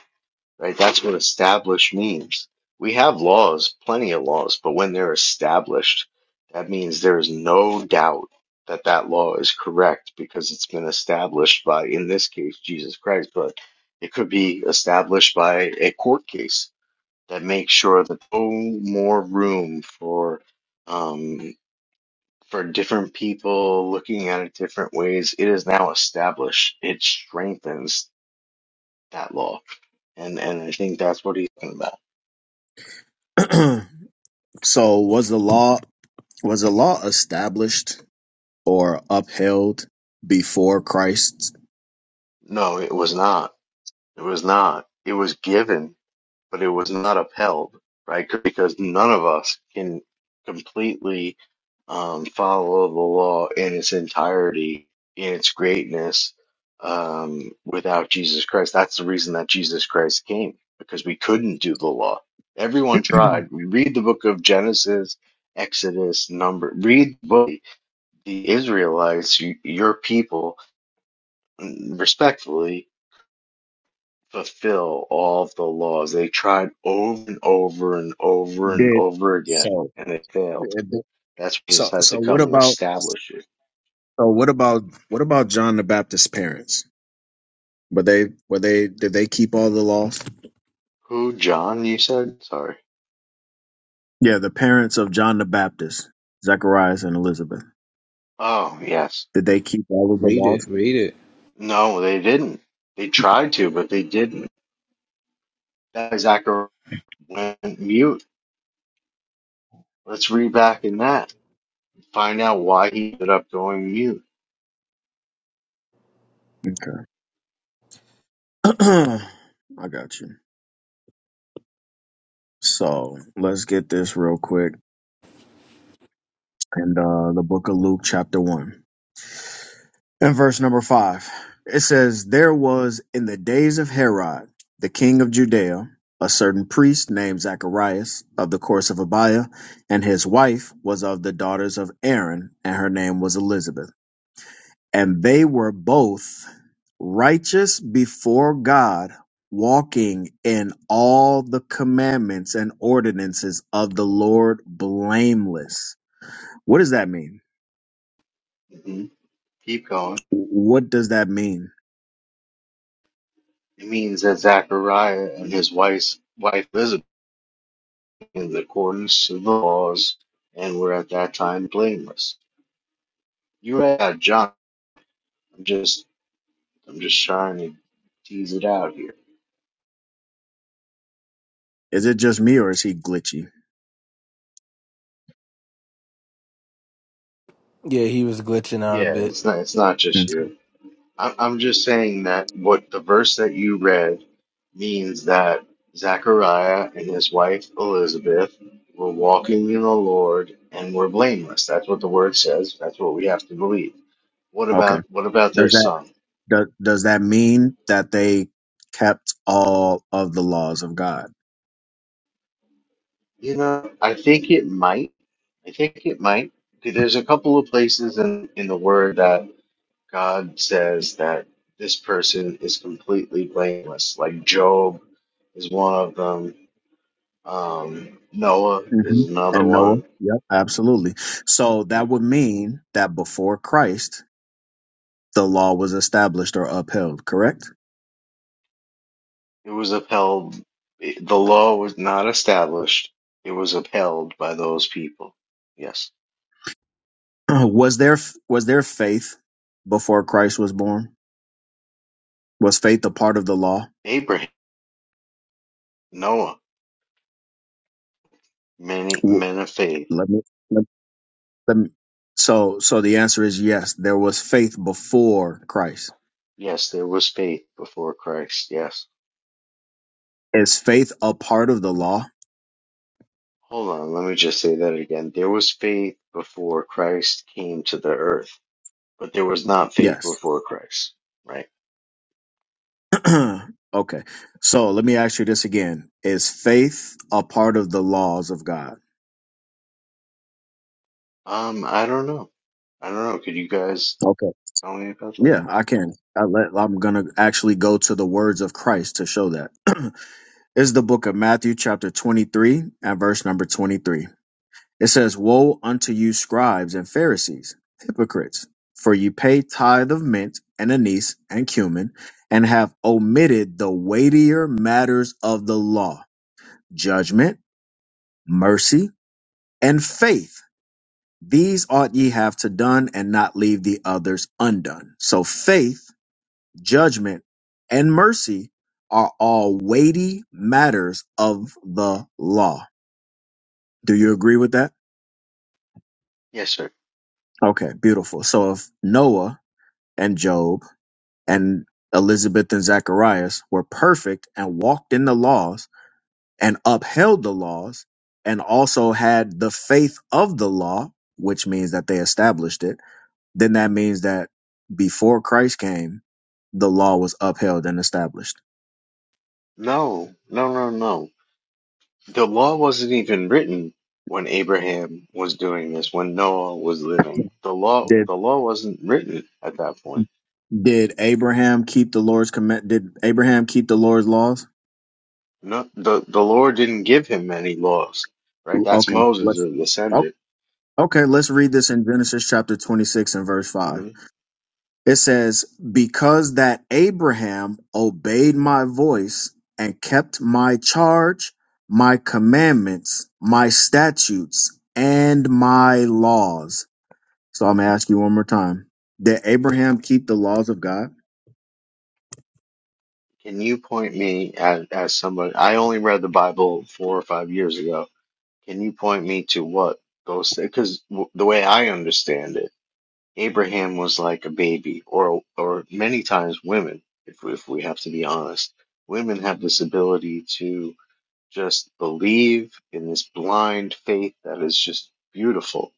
right? That's what established means. We have laws, plenty of laws, but when they're established, that means there is no doubt that that law is correct because it's been established by, in this case, Jesus Christ, but it could be established by a court case that makes sure that no more room for, um, for different people looking at it different ways. It is now established. It strengthens that law. And, and I think that's what he's talking about.
Yeah. so was the law was the law established or upheld before Christ?
No, it was not. It was not. It was given but it was not upheld, right? Because none of us can completely um, follow the law in its entirety, in its greatness, um, without Jesus Christ. That's the reason that Jesus Christ came, because we couldn't do the law. Everyone tried. We read the book of Genesis, Exodus, Number. Read the book. The Israelites, y- your people, respectfully fulfill all of the laws. They tried over and over and over and
Did
over again,
so.
and they failed. That's why Jesus
So
had to
so what
come and
about
establish it.
so what about what about John the Baptist's parents? Were they were they did they keep all the laws?
Who, John, you said? Sorry.
Yeah, the parents of John the Baptist, Zacharias and Elizabeth.
Oh, yes.
Did they keep all of the
Read it.
laws?
Read it.
No, they didn't. They tried to, but they didn't. That Zachariah went mute. Let's read back in that. Find out why he ended up going mute.
Okay. I got you. So let's get this real quick. And uh, the book of Luke, chapter 1, and verse number 5. It says, There was in the days of Herod, the king of Judea, a certain priest named Zacharias of the course of Abiah, and his wife was of the daughters of Aaron, and her name was Elizabeth. And they were both righteous before God, walking in all the commandments and ordinances of the Lord blameless. What does that mean?
hmm Keep going.
What does that mean?
It means that Zachariah and his wife's wife Elizabeth in accordance to the laws and were at that time blameless. You're right, uh, John. I'm just I'm just trying to tease it out here.
Is it just me or is he glitchy?
Yeah, he was glitching out a
Yeah,
bit.
it's not it's not
Hmm,
just you. I'm I'm just saying that what the verse that you read means that Zechariah and his wife Elizabeth were walking in the Lord and were blameless. That's what the word says. That's what we have to believe. What
Okay.
about what about their
Does that
son?
do, does that mean that they kept all of the laws of God?
You know, I think it might. I think it might. 'Cause There's a couple of places in, in the word that God says that this person is completely blameless. Like Job is one of them. Um, Noah
hmm
is another
And Noah?
one.
Yep. Absolutely. So that would mean that before Christ, the law was established or upheld, correct?
It was upheld. It, the law was not established. It was upheld by those people. Yes.
Was there was there faith before Christ was born? Was faith a part of the law?
Abraham, Noah, many
W-
men of faith.
Let me, let, let me so so the answer is yes, there was faith before Christ.
Yes, there was faith before Christ. Yes.
Is faith a part of the law?
Hold on, let me just say that again. There was faith before Christ came to the earth, but there was not faith
Yes.
before Christ, right?
okay. So let me ask you this again. Is faith a part of the laws of God?
Um, I don't know. I don't know. Could you guys
Okay.
tell me about that?
Yeah, I can. I let, I'm going to actually go to the words of Christ to show that. is the book of Matthew, chapter 23, and verse number 23. It says, Woe unto you, scribes and Pharisees, hypocrites, for you pay tithe of mint and anise and cumin, and have omitted the weightier matters of the law judgment, mercy, and faith. These ought ye have to done, and not leave the others undone. So faith, judgment, and mercy are all weighty matters of the law Do you agree with that?
Yes, sir.
Okay, beautiful. So if Noah and Job and Elizabeth and Zacharias were perfect and walked in the laws and upheld the laws and also had the faith of the law, which means that they established it, then that means that before Christ came, the law was upheld and established.
No, no, no, no. The law wasn't even written when Abraham was doing this, when Noah was living. The law,
Did
the law wasn't written at that point.
did Abraham keep the Lord's command? Did Abraham keep the Lord's laws?
No, the the Lord didn't give him any laws, right? That's
Okay,
Moses'
let's.
descendant.
Okay, let's read this in Genesis chapter 26 and verse 5. It says, Because that Abraham obeyed my voice and kept my charge, my commandments, my statutes, and my laws. So I'm going to ask you one more time. Did Abraham keep the laws of God?
Can you point me at as somebody? I only read the Bible four or five years ago. Can you point me to what goes there? Because w the way I understand it, Abraham was like a baby, or or many times women, if we- if we have to be honest, women have this ability to just believe in this blind faith that is just beautiful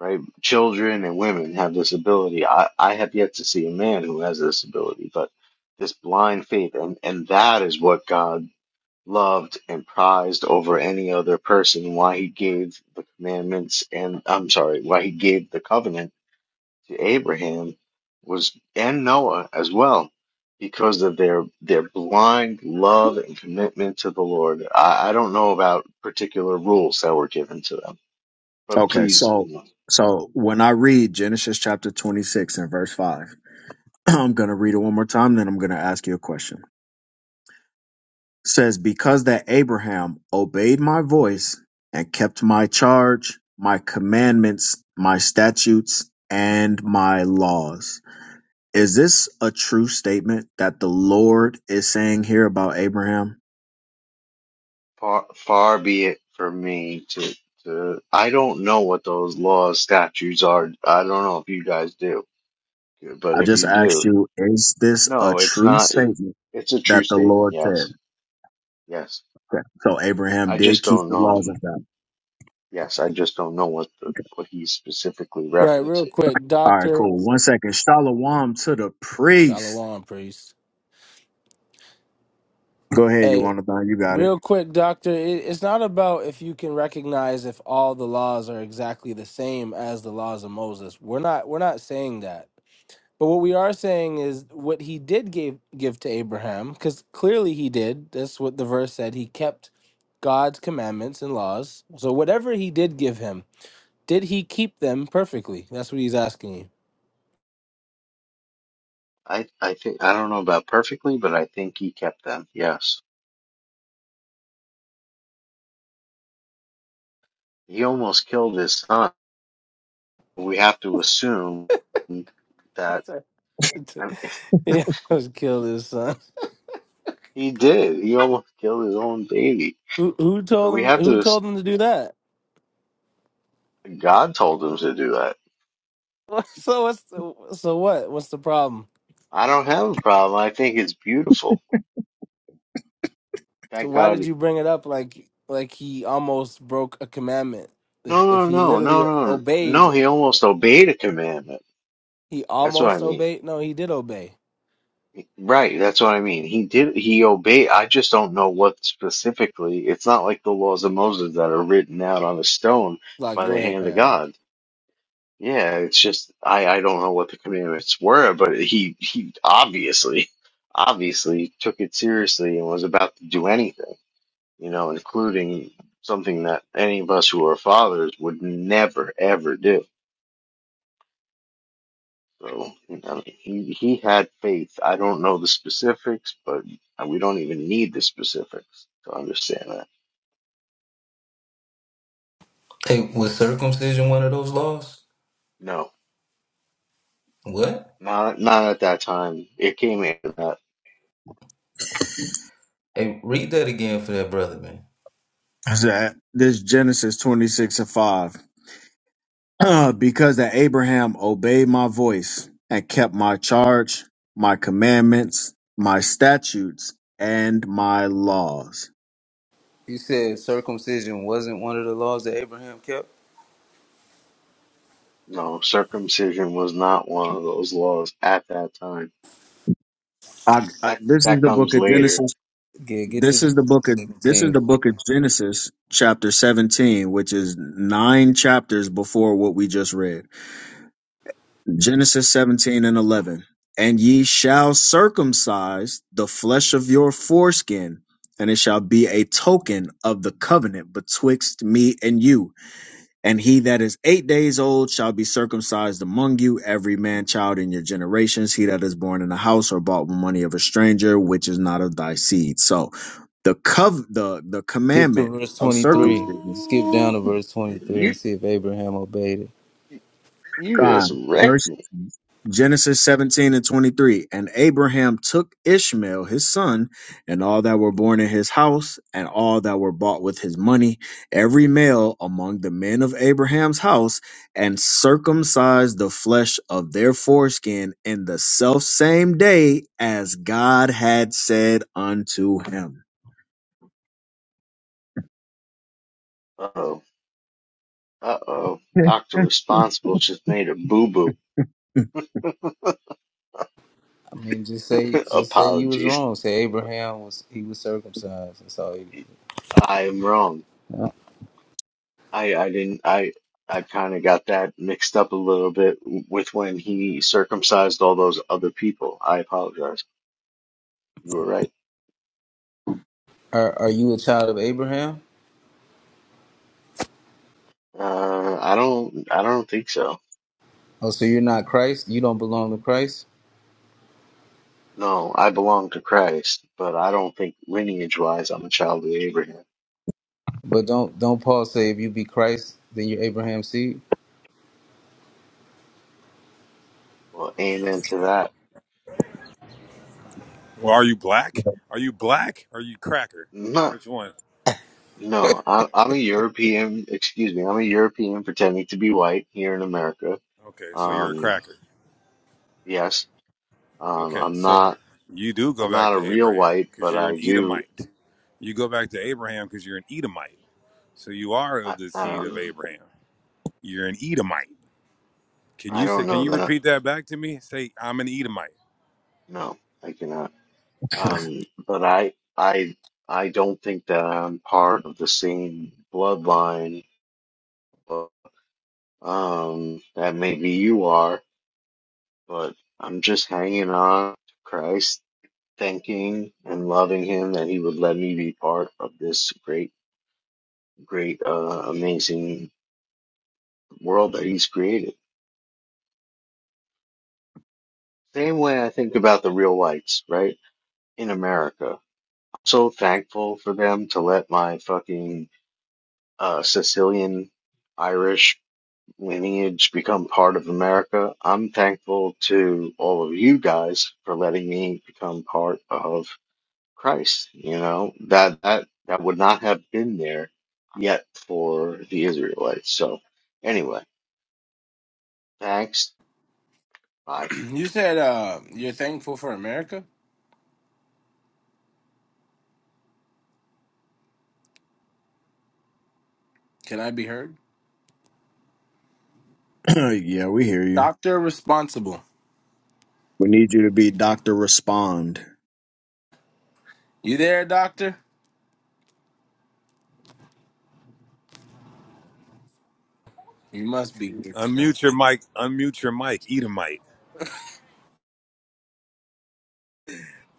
right? Children and women have this ability. I, I have yet to see a man who has this ability, but this blind faith, and, and that is what God loved and prized over any other person, why he gave the commandments and, I'm sorry, why he gave the covenant to Abraham was, and Noah as well. Because of their their blind love and commitment to the Lord, I, I don't know about particular rules that were given to them, but
Okay,
please.
so so when I read Genesis chapter 26 and verse 5, I'm going to read it one more time, then I'm going to ask you a question. says, Because that Abraham obeyed my voice and kept my charge, my commandments, my statutes, and my laws. Is this a true statement that the Lord is saying here about Abraham?
Far, far be it from me to, to, I don't know what those laws, statutes are. I don't know if you guys do, but
I
if
just
you
asked
do,
you, is this a
no, it's
true
not, it,
statement
it's a true
that the
statement.
Lord
Yes.
said?
Yes.
Okay. So Abraham
I just
did keep
don't
the laws
know.
of God.
Yes. I just don't know what the, what he's specifically
Right, real
referencing.
quick,
All right,
Doctor
cool. One second. Shalom to the priest.
Shalom priest.
Go ahead, you
Hey.
want to You got it.
Real quick, doctor, it, it's not about if you can recognize if all the laws are exactly the same as the laws of Moses. We're not we're not saying that. But what we are saying is what he did give give to Abraham, because clearly he did. That's what the verse said. He kept God's commandments and laws. So whatever he did give him, did he keep them perfectly? That's what he's asking you.
I, I think, I don't know about perfectly, but I think he kept them. Yes. He almost killed his son. We have to assume that,
Sorry.
I,
yeah, I was killed his son.
He did. He almost killed his own baby.
Who who
So
told
we have
him who
to.
told him to do that?
God told him to do that.
So what's the, so what? What's the problem?
I don't have a problem. I think it's beautiful.
So
Thank
why
God.
did
he-
you bring it up like like he almost broke a commandment? If
No,
if
no,
he
no, no,
literally
no, no. No,
obeyed,
He almost obeyed a commandment.
he
That's what I
almost
mean.
obeyed. No, he did obey.
Right. That's what I mean. He did. He obeyed. I just don't know what specifically. It's not like the laws of Moses that are written out on a stone
Like
by
go
the
ahead,
hand of
Kayala.
God. Yeah, it's just I I don't know what the commandments were, but he he obviously obviously took it seriously and was about to do anything, you know, including something that any of us who are fathers would never ever do. So, I mean, he he had faith. I don't know the specifics, but we don't even need the specifics to understand that.
Hey, was circumcision one of those laws?
No,
What?
not not at that time. It came after that.
Hey, read that again for that brother, man.
Is that this Genesis 26 and 5. Uh, because that Abraham obeyed my voice and kept my charge, my commandments, my statutes, and my laws.
You said circumcision wasn't one of the laws that Abraham kept?
No, circumcision was not one of those laws at that time
I, I-
That
this is
that
the book
comes
of
later.
Genesis.
Yeah, get to
This is the
Genesis
book of this is
17.
the book of Genesis, chapter seventeen, which is nine chapters before what we just read. Genesis seventeen and eleven. And ye shall circumcise the flesh of your foreskin, and it shall be a token of the covenant betwixt me and you And he that is eight days old shall be circumcised among you, every man child in your generations. He that is born in a house or bought with money of a stranger, which is not of thy seed. So the cov the the
Skip to
commandment
verse
of
23.
circumcision,
Skip down
Ooh,
to verse 23
you
and see if Abraham obeyed it.
you just
God,
wrecked
verse
me.
Genesis 17 and 23. And Abraham took Ishmael, his son, and all that were born in his house, and all that were bought with his money, every male among the men of Abraham's house, and circumcised the flesh of their foreskin in the self same day as God had said unto him.
Uh oh. Uh oh. Doctor Responsible just made a boo boo.
I mean, just say, just say you was
Apologies.
wrong. Say Abraham was he was circumcised. That's all. You,
I am wrong. I I didn't. I I kind of got that mixed up a little bit with when he circumcised all those other people. I apologize. You were right.
are are you a child of Abraham?
Uh, I don't. I don't think so.
Oh, so you're not Christ. You don't belong to Christ.
No, I belong to Christ, but I don't think lineage wise I'm a child of Abraham.
But don't don't Paul say if you be Christ, then you're Abraham's seed?
Well, amen to that.
Well, are you black? Are you black? Or are you cracker?
No,
Which one?
no, I'm I'm a European. Excuse me, I'm a European pretending to be white here in America.
Okay, so you're a
Um,
cracker.
yes, um,
Okay,
I'm
so
not.
you do
I'm
go back
not a
to
real
Abraham
white,
because
but
you're an
I do.
Edomite. You go back to Abraham because you're an Edomite. So you are
I,
of the
I
seed
don't
of
know.
Abraham. You're an Edomite. Can
I
you say?
don't
Can
know
you
that. I,
repeat that back to me? Say, I'm an Edomite.
no, I cannot. Um, but I, I, I don't think that I'm part of the same bloodline. Um, that maybe you are, but I'm just hanging on to Christ thanking and loving him that he would let me be part of this great, great, uh, amazing world that he's created. Same way I think about the real whites, right? In America. I'm so thankful for them to let my fucking, uh, Sicilian Irish lineage become part of America. I'm thankful to all of you guys for letting me become part of Christ, you know, that that that would not have been there yet for the Israelites. So anyway, thanks. Bye.
you said uh, you're thankful for America. Can I be heard?
yeah, we hear you.
Doctor responsible.
We need you to be Dr. Respond.
You there, doctor? You must be here.
Unmute your mic. Unmute your mic. Edomite.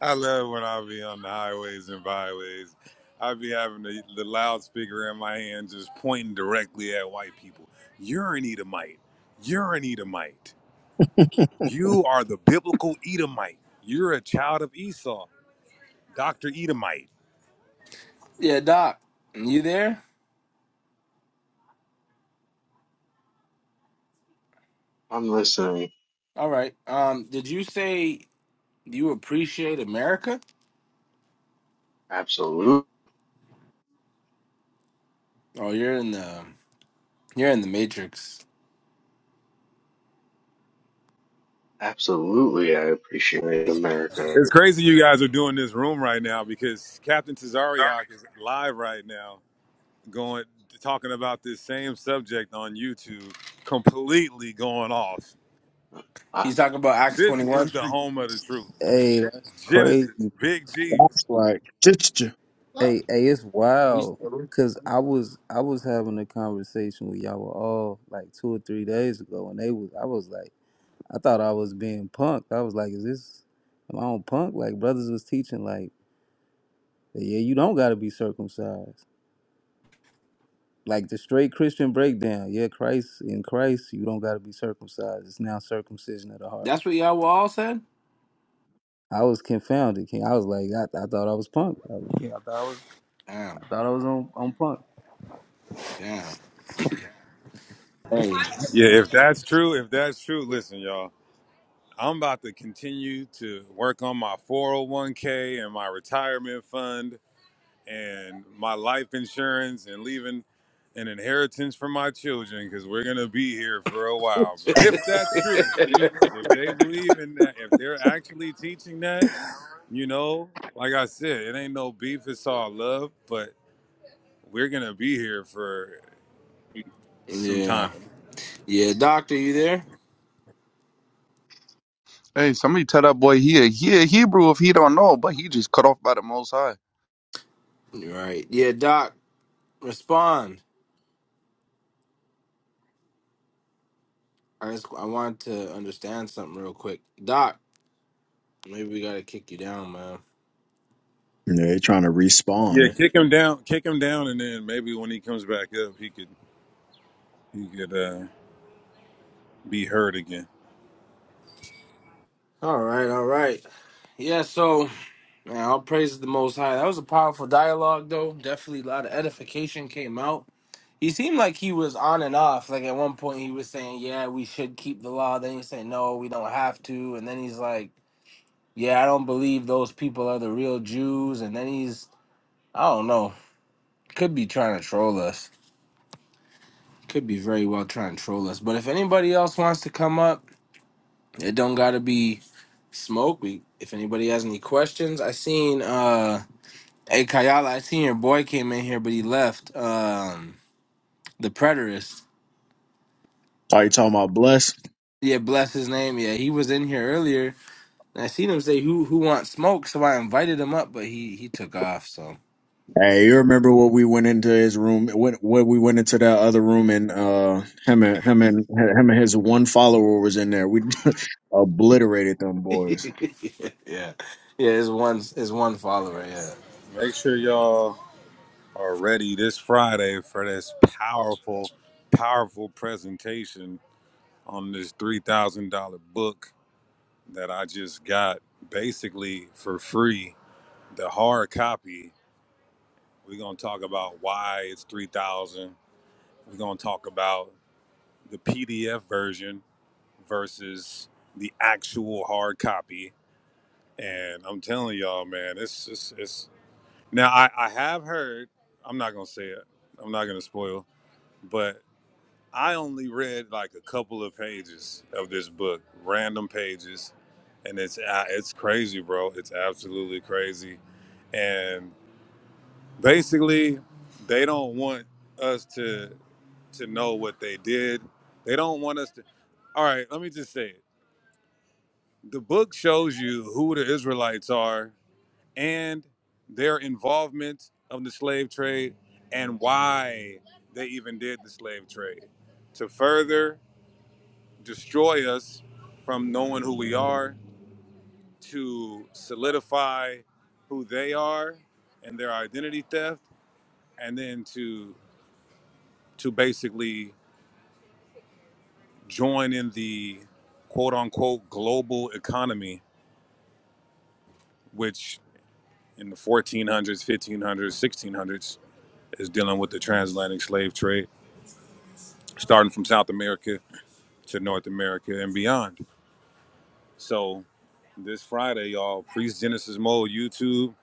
I love when I be on the highways and byways. I be having the, the loudspeaker in my hand just pointing directly at white people. You're an Edomite. You're an Edomite. You are the biblical Edomite. You're a child of Esau, Dr. Edomite.
Yeah, doc. You there?
I'm listening.
All right. Um, did you say you appreciate America?
Absolutely,
Oh, you're in the you're in the Matrix.
absolutely. I appreciate it, America.
It's crazy you guys are doing this room right now because Captain Cesariak is live right now going talking about this same subject on YouTube, completely going off.
He's talking about Acts
This is
21.
the
He's-
home of the truth.
Hey, that's crazy.
Genesis, big
That's
G's.
like, yeah,
Hey, hey, it's wild. Cause I was I was having a conversation with y'all all like two or three days ago, and they was I was like I thought I was being punked. I was like, is this am I on punk? Like brothers was teaching like Yeah, you don't gotta be circumcised. Like the straight Christian breakdown. Yeah, Christ in Christ, you don't gotta be circumcised. It's now circumcision of the heart.
That's what y'all were all said?
I was confounded. King. I was like, I, I thought I was punk. I, was- yeah,
Damn.
I thought I was on, on punk.
Damn. Hey.
Yeah, if that's true, if that's true, listen, y'all. I'm about to continue to work on my 401k and my retirement fund and my life insurance and leaving an inheritance for my children because we're gonna be here for a while. But if that's true, if they believe in that, if they're actually teaching that, you know, like I said, it ain't no beef, it's all love, but we're gonna be here for some
yeah.
time.
Yeah, Doc, are you there?
Hey, somebody tell that boy he a, he a Hebrew if he don't know, but he just cut off by the Most High.
Right. Yeah, Doc, respond. I just I want to understand something real quick. Doc, maybe we gotta kick you down, man.
they're trying to
Yeah,
respawn.
kick him down, kick him down, and then maybe when he comes back up, he could he could uh, be heard again.
All right, all right. Yeah, so man, all praise the most high. That was a powerful dialogue though. Definitely a lot of edification came out. He seemed like he was on and off. Like at one point, he was saying, "Yeah, we should keep the law." Then he said, "No, we don't have to." And then he's like, "Yeah, I don't believe those people are the real Jews." And then he's, I don't know, could be trying to troll us. Could be very well trying to troll us. But if anybody else wants to come up, it don't gotta be smoke. We, if anybody has any questions, I seen, uh, hey Kayala, I seen your boy came in here, but he left. Um, the Preterist.
Are you talking about bless?
Yeah, bless his name. Yeah, he was in here earlier And I seen him say, "Who who wants smoke?" So I invited him up, but he he took off. So
Hey, you remember what we went into his room? What what we went into that other room and uh him and him and him and his one follower was in there. We obliterated them boys.
yeah, yeah, it's one it's one follower. Yeah.
Make sure y'all are ready this Friday for this powerful, powerful presentation on this three thousand dollar book that I just got basically for free. The hard copy. We're gonna talk about why it's three thousand. We're gonna talk about the PDF version versus the actual hard copy And I'm telling y'all, man, it's it's it's now I, I have heard, I'm not gonna say it, I'm not gonna spoil, but I only read like a couple of pages of this book, random pages, and it's uh, it's crazy, bro. It's absolutely crazy. And basically they don't want us to to know what they did. They don't want us to all right, let me just say it. The book shows you who the Israelites are and their involvement of the slave trade and why they even did the slave trade to further destroy us from knowing who we are to solidify who they are and their identity theft and then to to basically join in the quote unquote global economy which in the 1400s 1500s 1600s is dealing with the transatlantic slave trade starting from South America to North America and beyond. So this Friday, y'all, Priest Genesis Mode YouTube.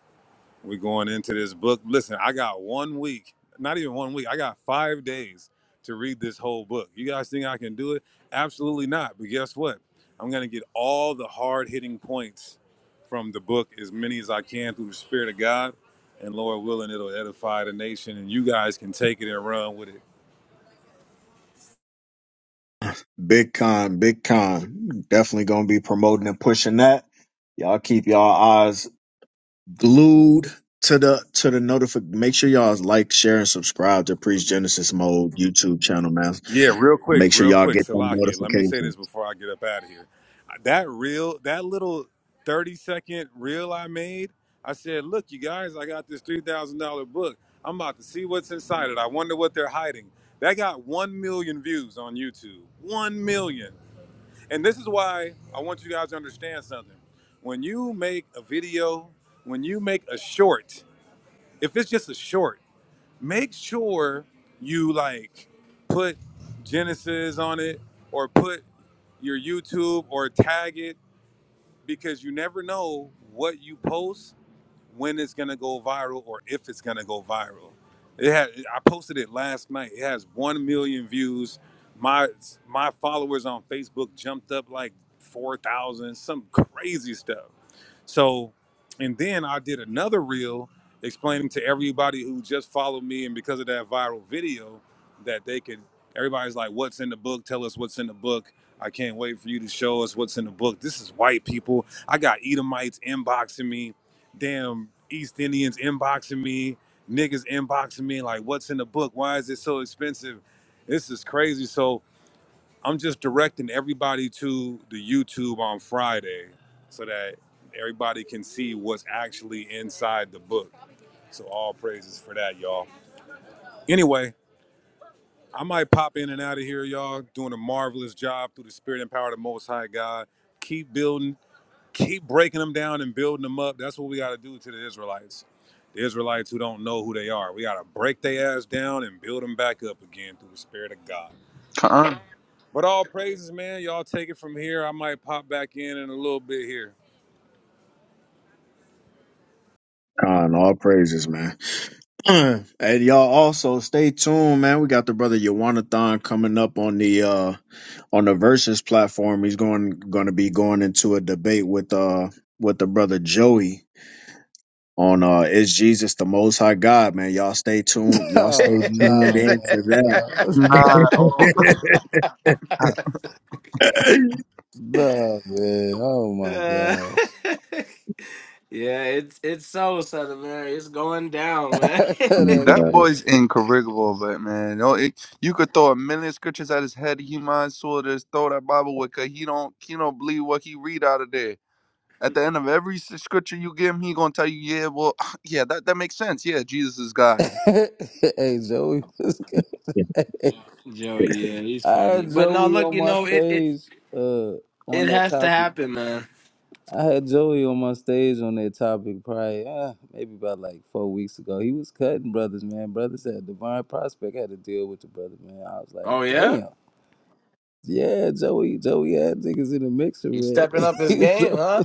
We're going into this book. Listen, I got one week, not even one week. I got five days to read this whole book. You guys think I can do it? Absolutely not. But guess what? I'm gonna get all the hard hitting points from the book, as many as I can through the Spirit of God. And Lord willing, it'll edify the nation, and you guys can take it and run with it
Big con, big con. Definitely gonna be promoting and pushing that. Y'all keep y'all eyes glued to the to the notifi. Make sure y'all like, share, and subscribe to Priest Genesis Mode YouTube channel, man.
Yeah, real quick,
Make sure
real
y'all
quick,
get them
Salakia. Let me say this
notifications.
before I get up out of here. Uh, That real, that little thirty second reel I made. I said, "Look, you guys, I got this three thousand dollar book. I'm about to see what's inside it. I wonder what they're hiding." That got one million views on YouTube. One million. And this is why I want you guys to understand something. When you make a video, when you make a short, if it's just a short make sure you like put Genesis on it or put your YouTube or tag it because you never know what you post when it's gonna go viral or if it's gonna go viral. It had I posted it last night. It has one million views. My my followers on Facebook jumped up like four thousand, some crazy stuff. So, and then I did another reel explaining to everybody who just followed me, and because of that viral video, that they could. Everybody's like, "What's in the book? Tell us what's in the book." I can't wait for you to show us what's in the book. This is white people. I got Edomites inboxing me, damn East Indians inboxing me, niggas inboxing me. Like, what's in the book? Why is it so expensive? This is crazy. So I'm just directing everybody to the YouTube on Friday so that everybody can see what's actually inside the book. So all praises for that, y'all. Anyway, I might pop in and out of here, y'all, doing a marvelous job through the spirit and power of the Most High God. Keep building, keep breaking them down and building them up. That's what we got to do to the Israelites. The Israelites who don't know who they are. We got to break their ass down and build them back up again through the spirit of God.
uh
But all praises, man. Y'all take it from here. I might pop back in in a little bit here.
Con, all praises, man. and y'all also stay tuned, man. We got the brother Yawanathan coming up on the uh on the versus platform. He's going gonna be going into a debate with uh with the brother Joey on uh is Jesus the most high God, man. Y'all stay tuned. Y'all stay
Oh
tuned
no,
in to
man,
that.
no,
Nah, oh,
Let
no, man. Oh my
Uh, yeah, it's it's so Southern Mary. It's going down, man.
gosh,
me get
that's
that
out of
crazy.
boy's incorrigible, but man, no, it, you could throw a million scriptures at his head. He might as well just throw that Bible with, cause he don't he don't believe what he read out of there. At the end of every s- scripture you give him, he gonna tell you, yeah, well, yeah, that that makes sense. Yeah, Jesus is God.
hey, Joey, what's
here.
good?
Joey, yeah, he's
I
funny.
had
But no,
Joey
look,
on
you
my
know, it it
stage uh, on
it
that
has to
topic.
happen, man.
I had Joey on my stage on that topic probably uh, maybe about like four weeks ago. He was cutting brothers, man. Brothers had Divine Prospect had to deal with the brother, man. I was like,
Oh yeah,
damn. Yeah, Joey, Joey had niggas in the mixer,
he's
man.
stepping up his
He was
game,
up-
huh?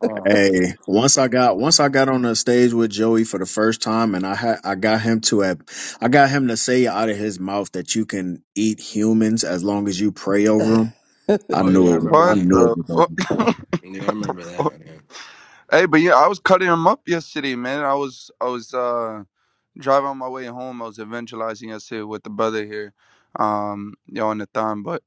Oh,
Hey, once I got once I got on the stage with Joey for the first time, and I had I got him to a, I got him to say out of his mouth that you can eat humans as long as you pray over them. I
oh
knew
yeah, I
it. Was,
remember
I
What
that.
knew it
the
was
fuck?
Yeah, I remember that.
hey, but yeah, I was cutting him up yesterday, man. I was I was uh. drive on my way home, I was evangelizing yesterday with the brother here, um, you know, on the time. But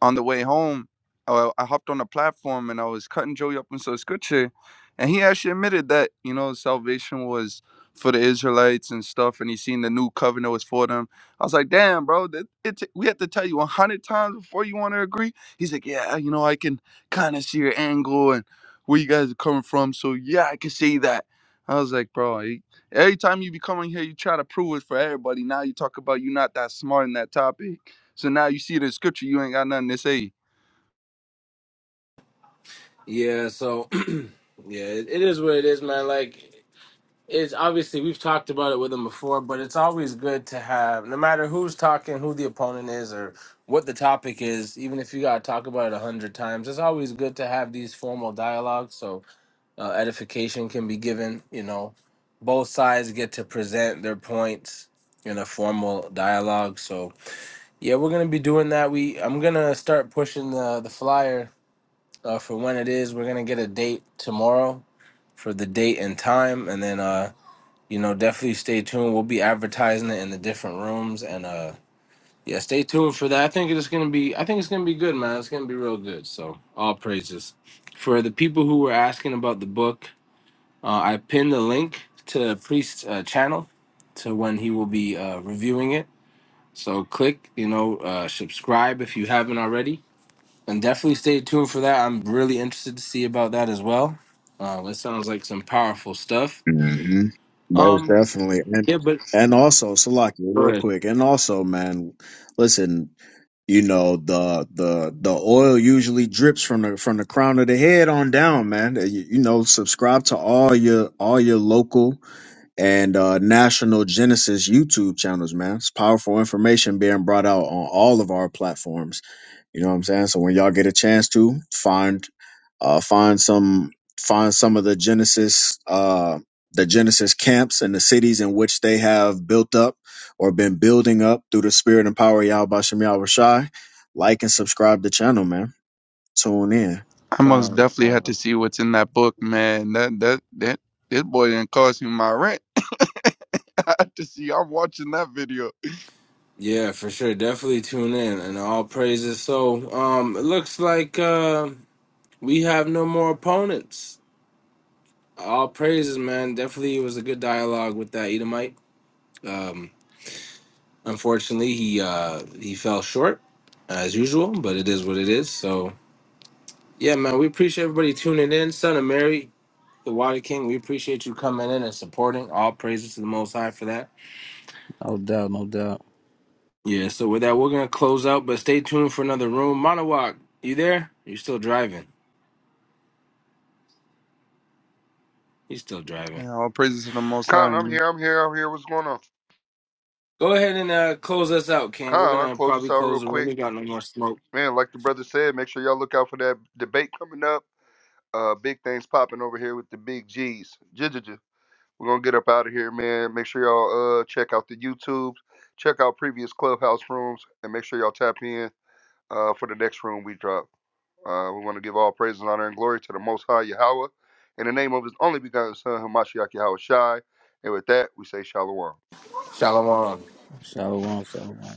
on the way home, uh, I hopped on a platform and I was cutting Joey up into scripture, and he actually admitted that you know salvation was for the Israelites and stuff, and he seen the new covenant was for them. I was like, damn, bro, that it we had to tell you a hundred times before you want to agree. He's like, yeah, you know, I can kind of see your angle and where you guys are coming from, so yeah, I can see that. I was like, bro, you- every time you be coming here, you try to prove it for everybody. Now you talk about you not that smart in that topic. So now you see it in scripture, you ain't got nothing to say.
Yeah, so yeah, it, it is what it is, man. Like it's obviously we've talked about it with him before, but it's always good to have no matter who's talking, who the opponent is, or what the topic is. Even if you gotta talk about it a hundred times, it's always good to have these formal dialogues so uh, edification can be given. You know, both sides get to present their points in a formal dialogue. So yeah, we're gonna be doing that. We I'm gonna start pushing the the flyer uh, for when it is. We're gonna get a date tomorrow for the date and time, and then uh, you know, definitely stay tuned. We'll be advertising it in the different rooms, and uh, yeah, stay tuned for that. I think it's gonna be, I think it's gonna be good, man. It's gonna be real good. So all praises for the people who were asking about the book. Uh, I pinned the link to Priest's uh, channel to when he will be uh, reviewing it. So click, you know, uh, subscribe if you haven't already and definitely stay tuned for that. I'm really interested to see about that as well. Um, it sounds like some powerful stuff.
over. hmm Most
Um,
definitely, and
yeah, but
and also Salaki,
go
real
ahead.
quick, and also, man, listen, you know the the the oil usually drips from the from the crown of the head on down man you, you know subscribe to all your all your local and uh, National Genesis YouTube channels, man. It's powerful information being brought out on all of our platforms. You know what I'm saying? So when y'all get a chance to find uh, find some find some of the Genesis uh, the Genesis camps and the cities in which they have built up or been building up through the spirit and power of Yahweh Shem Yahweh Shai. Like and subscribe to the channel, man. Tune in.
I most
Con,
definitely had to
con.
see what's in that book, man. That that that this boy didn't cost me my rent. I had to see. I'm watching that video.
Yeah, for sure. Definitely tune in and all praises. So, um, it looks like uh, we have no more opponents. All praises, man. Definitely was a good dialogue with that Edomite. Um, unfortunately, he uh, he fell short as usual, but it is what it is. So, yeah, man, we appreciate everybody tuning in. Son of Mary, The Water King, we appreciate you coming in and supporting. All praises to the Most High for that.
no doubt, no doubt.
Yeah, so with that, we're going to close out, but stay tuned for another room. Monowak, you there? You still driving? He's still driving.
Yeah, all praises to the Most
Con,
High.
I'm
Man.
here. I'm here. I'm here. What's going on?
Go ahead and uh, close us out, King. We're
Con, I'll
going to
close this
probably
out real
close the room.
quick.
We got no more smoke.
Man, like the brother said, make sure y'all look out for that debate coming up. Uh, big things popping over here with the big G's. Jijija. We're gonna get up out of here, man. Make sure y'all uh check out the YouTube, check out previous clubhouse rooms, and make sure y'all tap in uh for the next room we drop. Uh, we want to give all praise and honor and glory to the Most High Yahweh, in the name of His only begotten Son, Hamashiach Yahweh Shai. And with that, we say Shalom.
Shalom.
Shout out, shout out.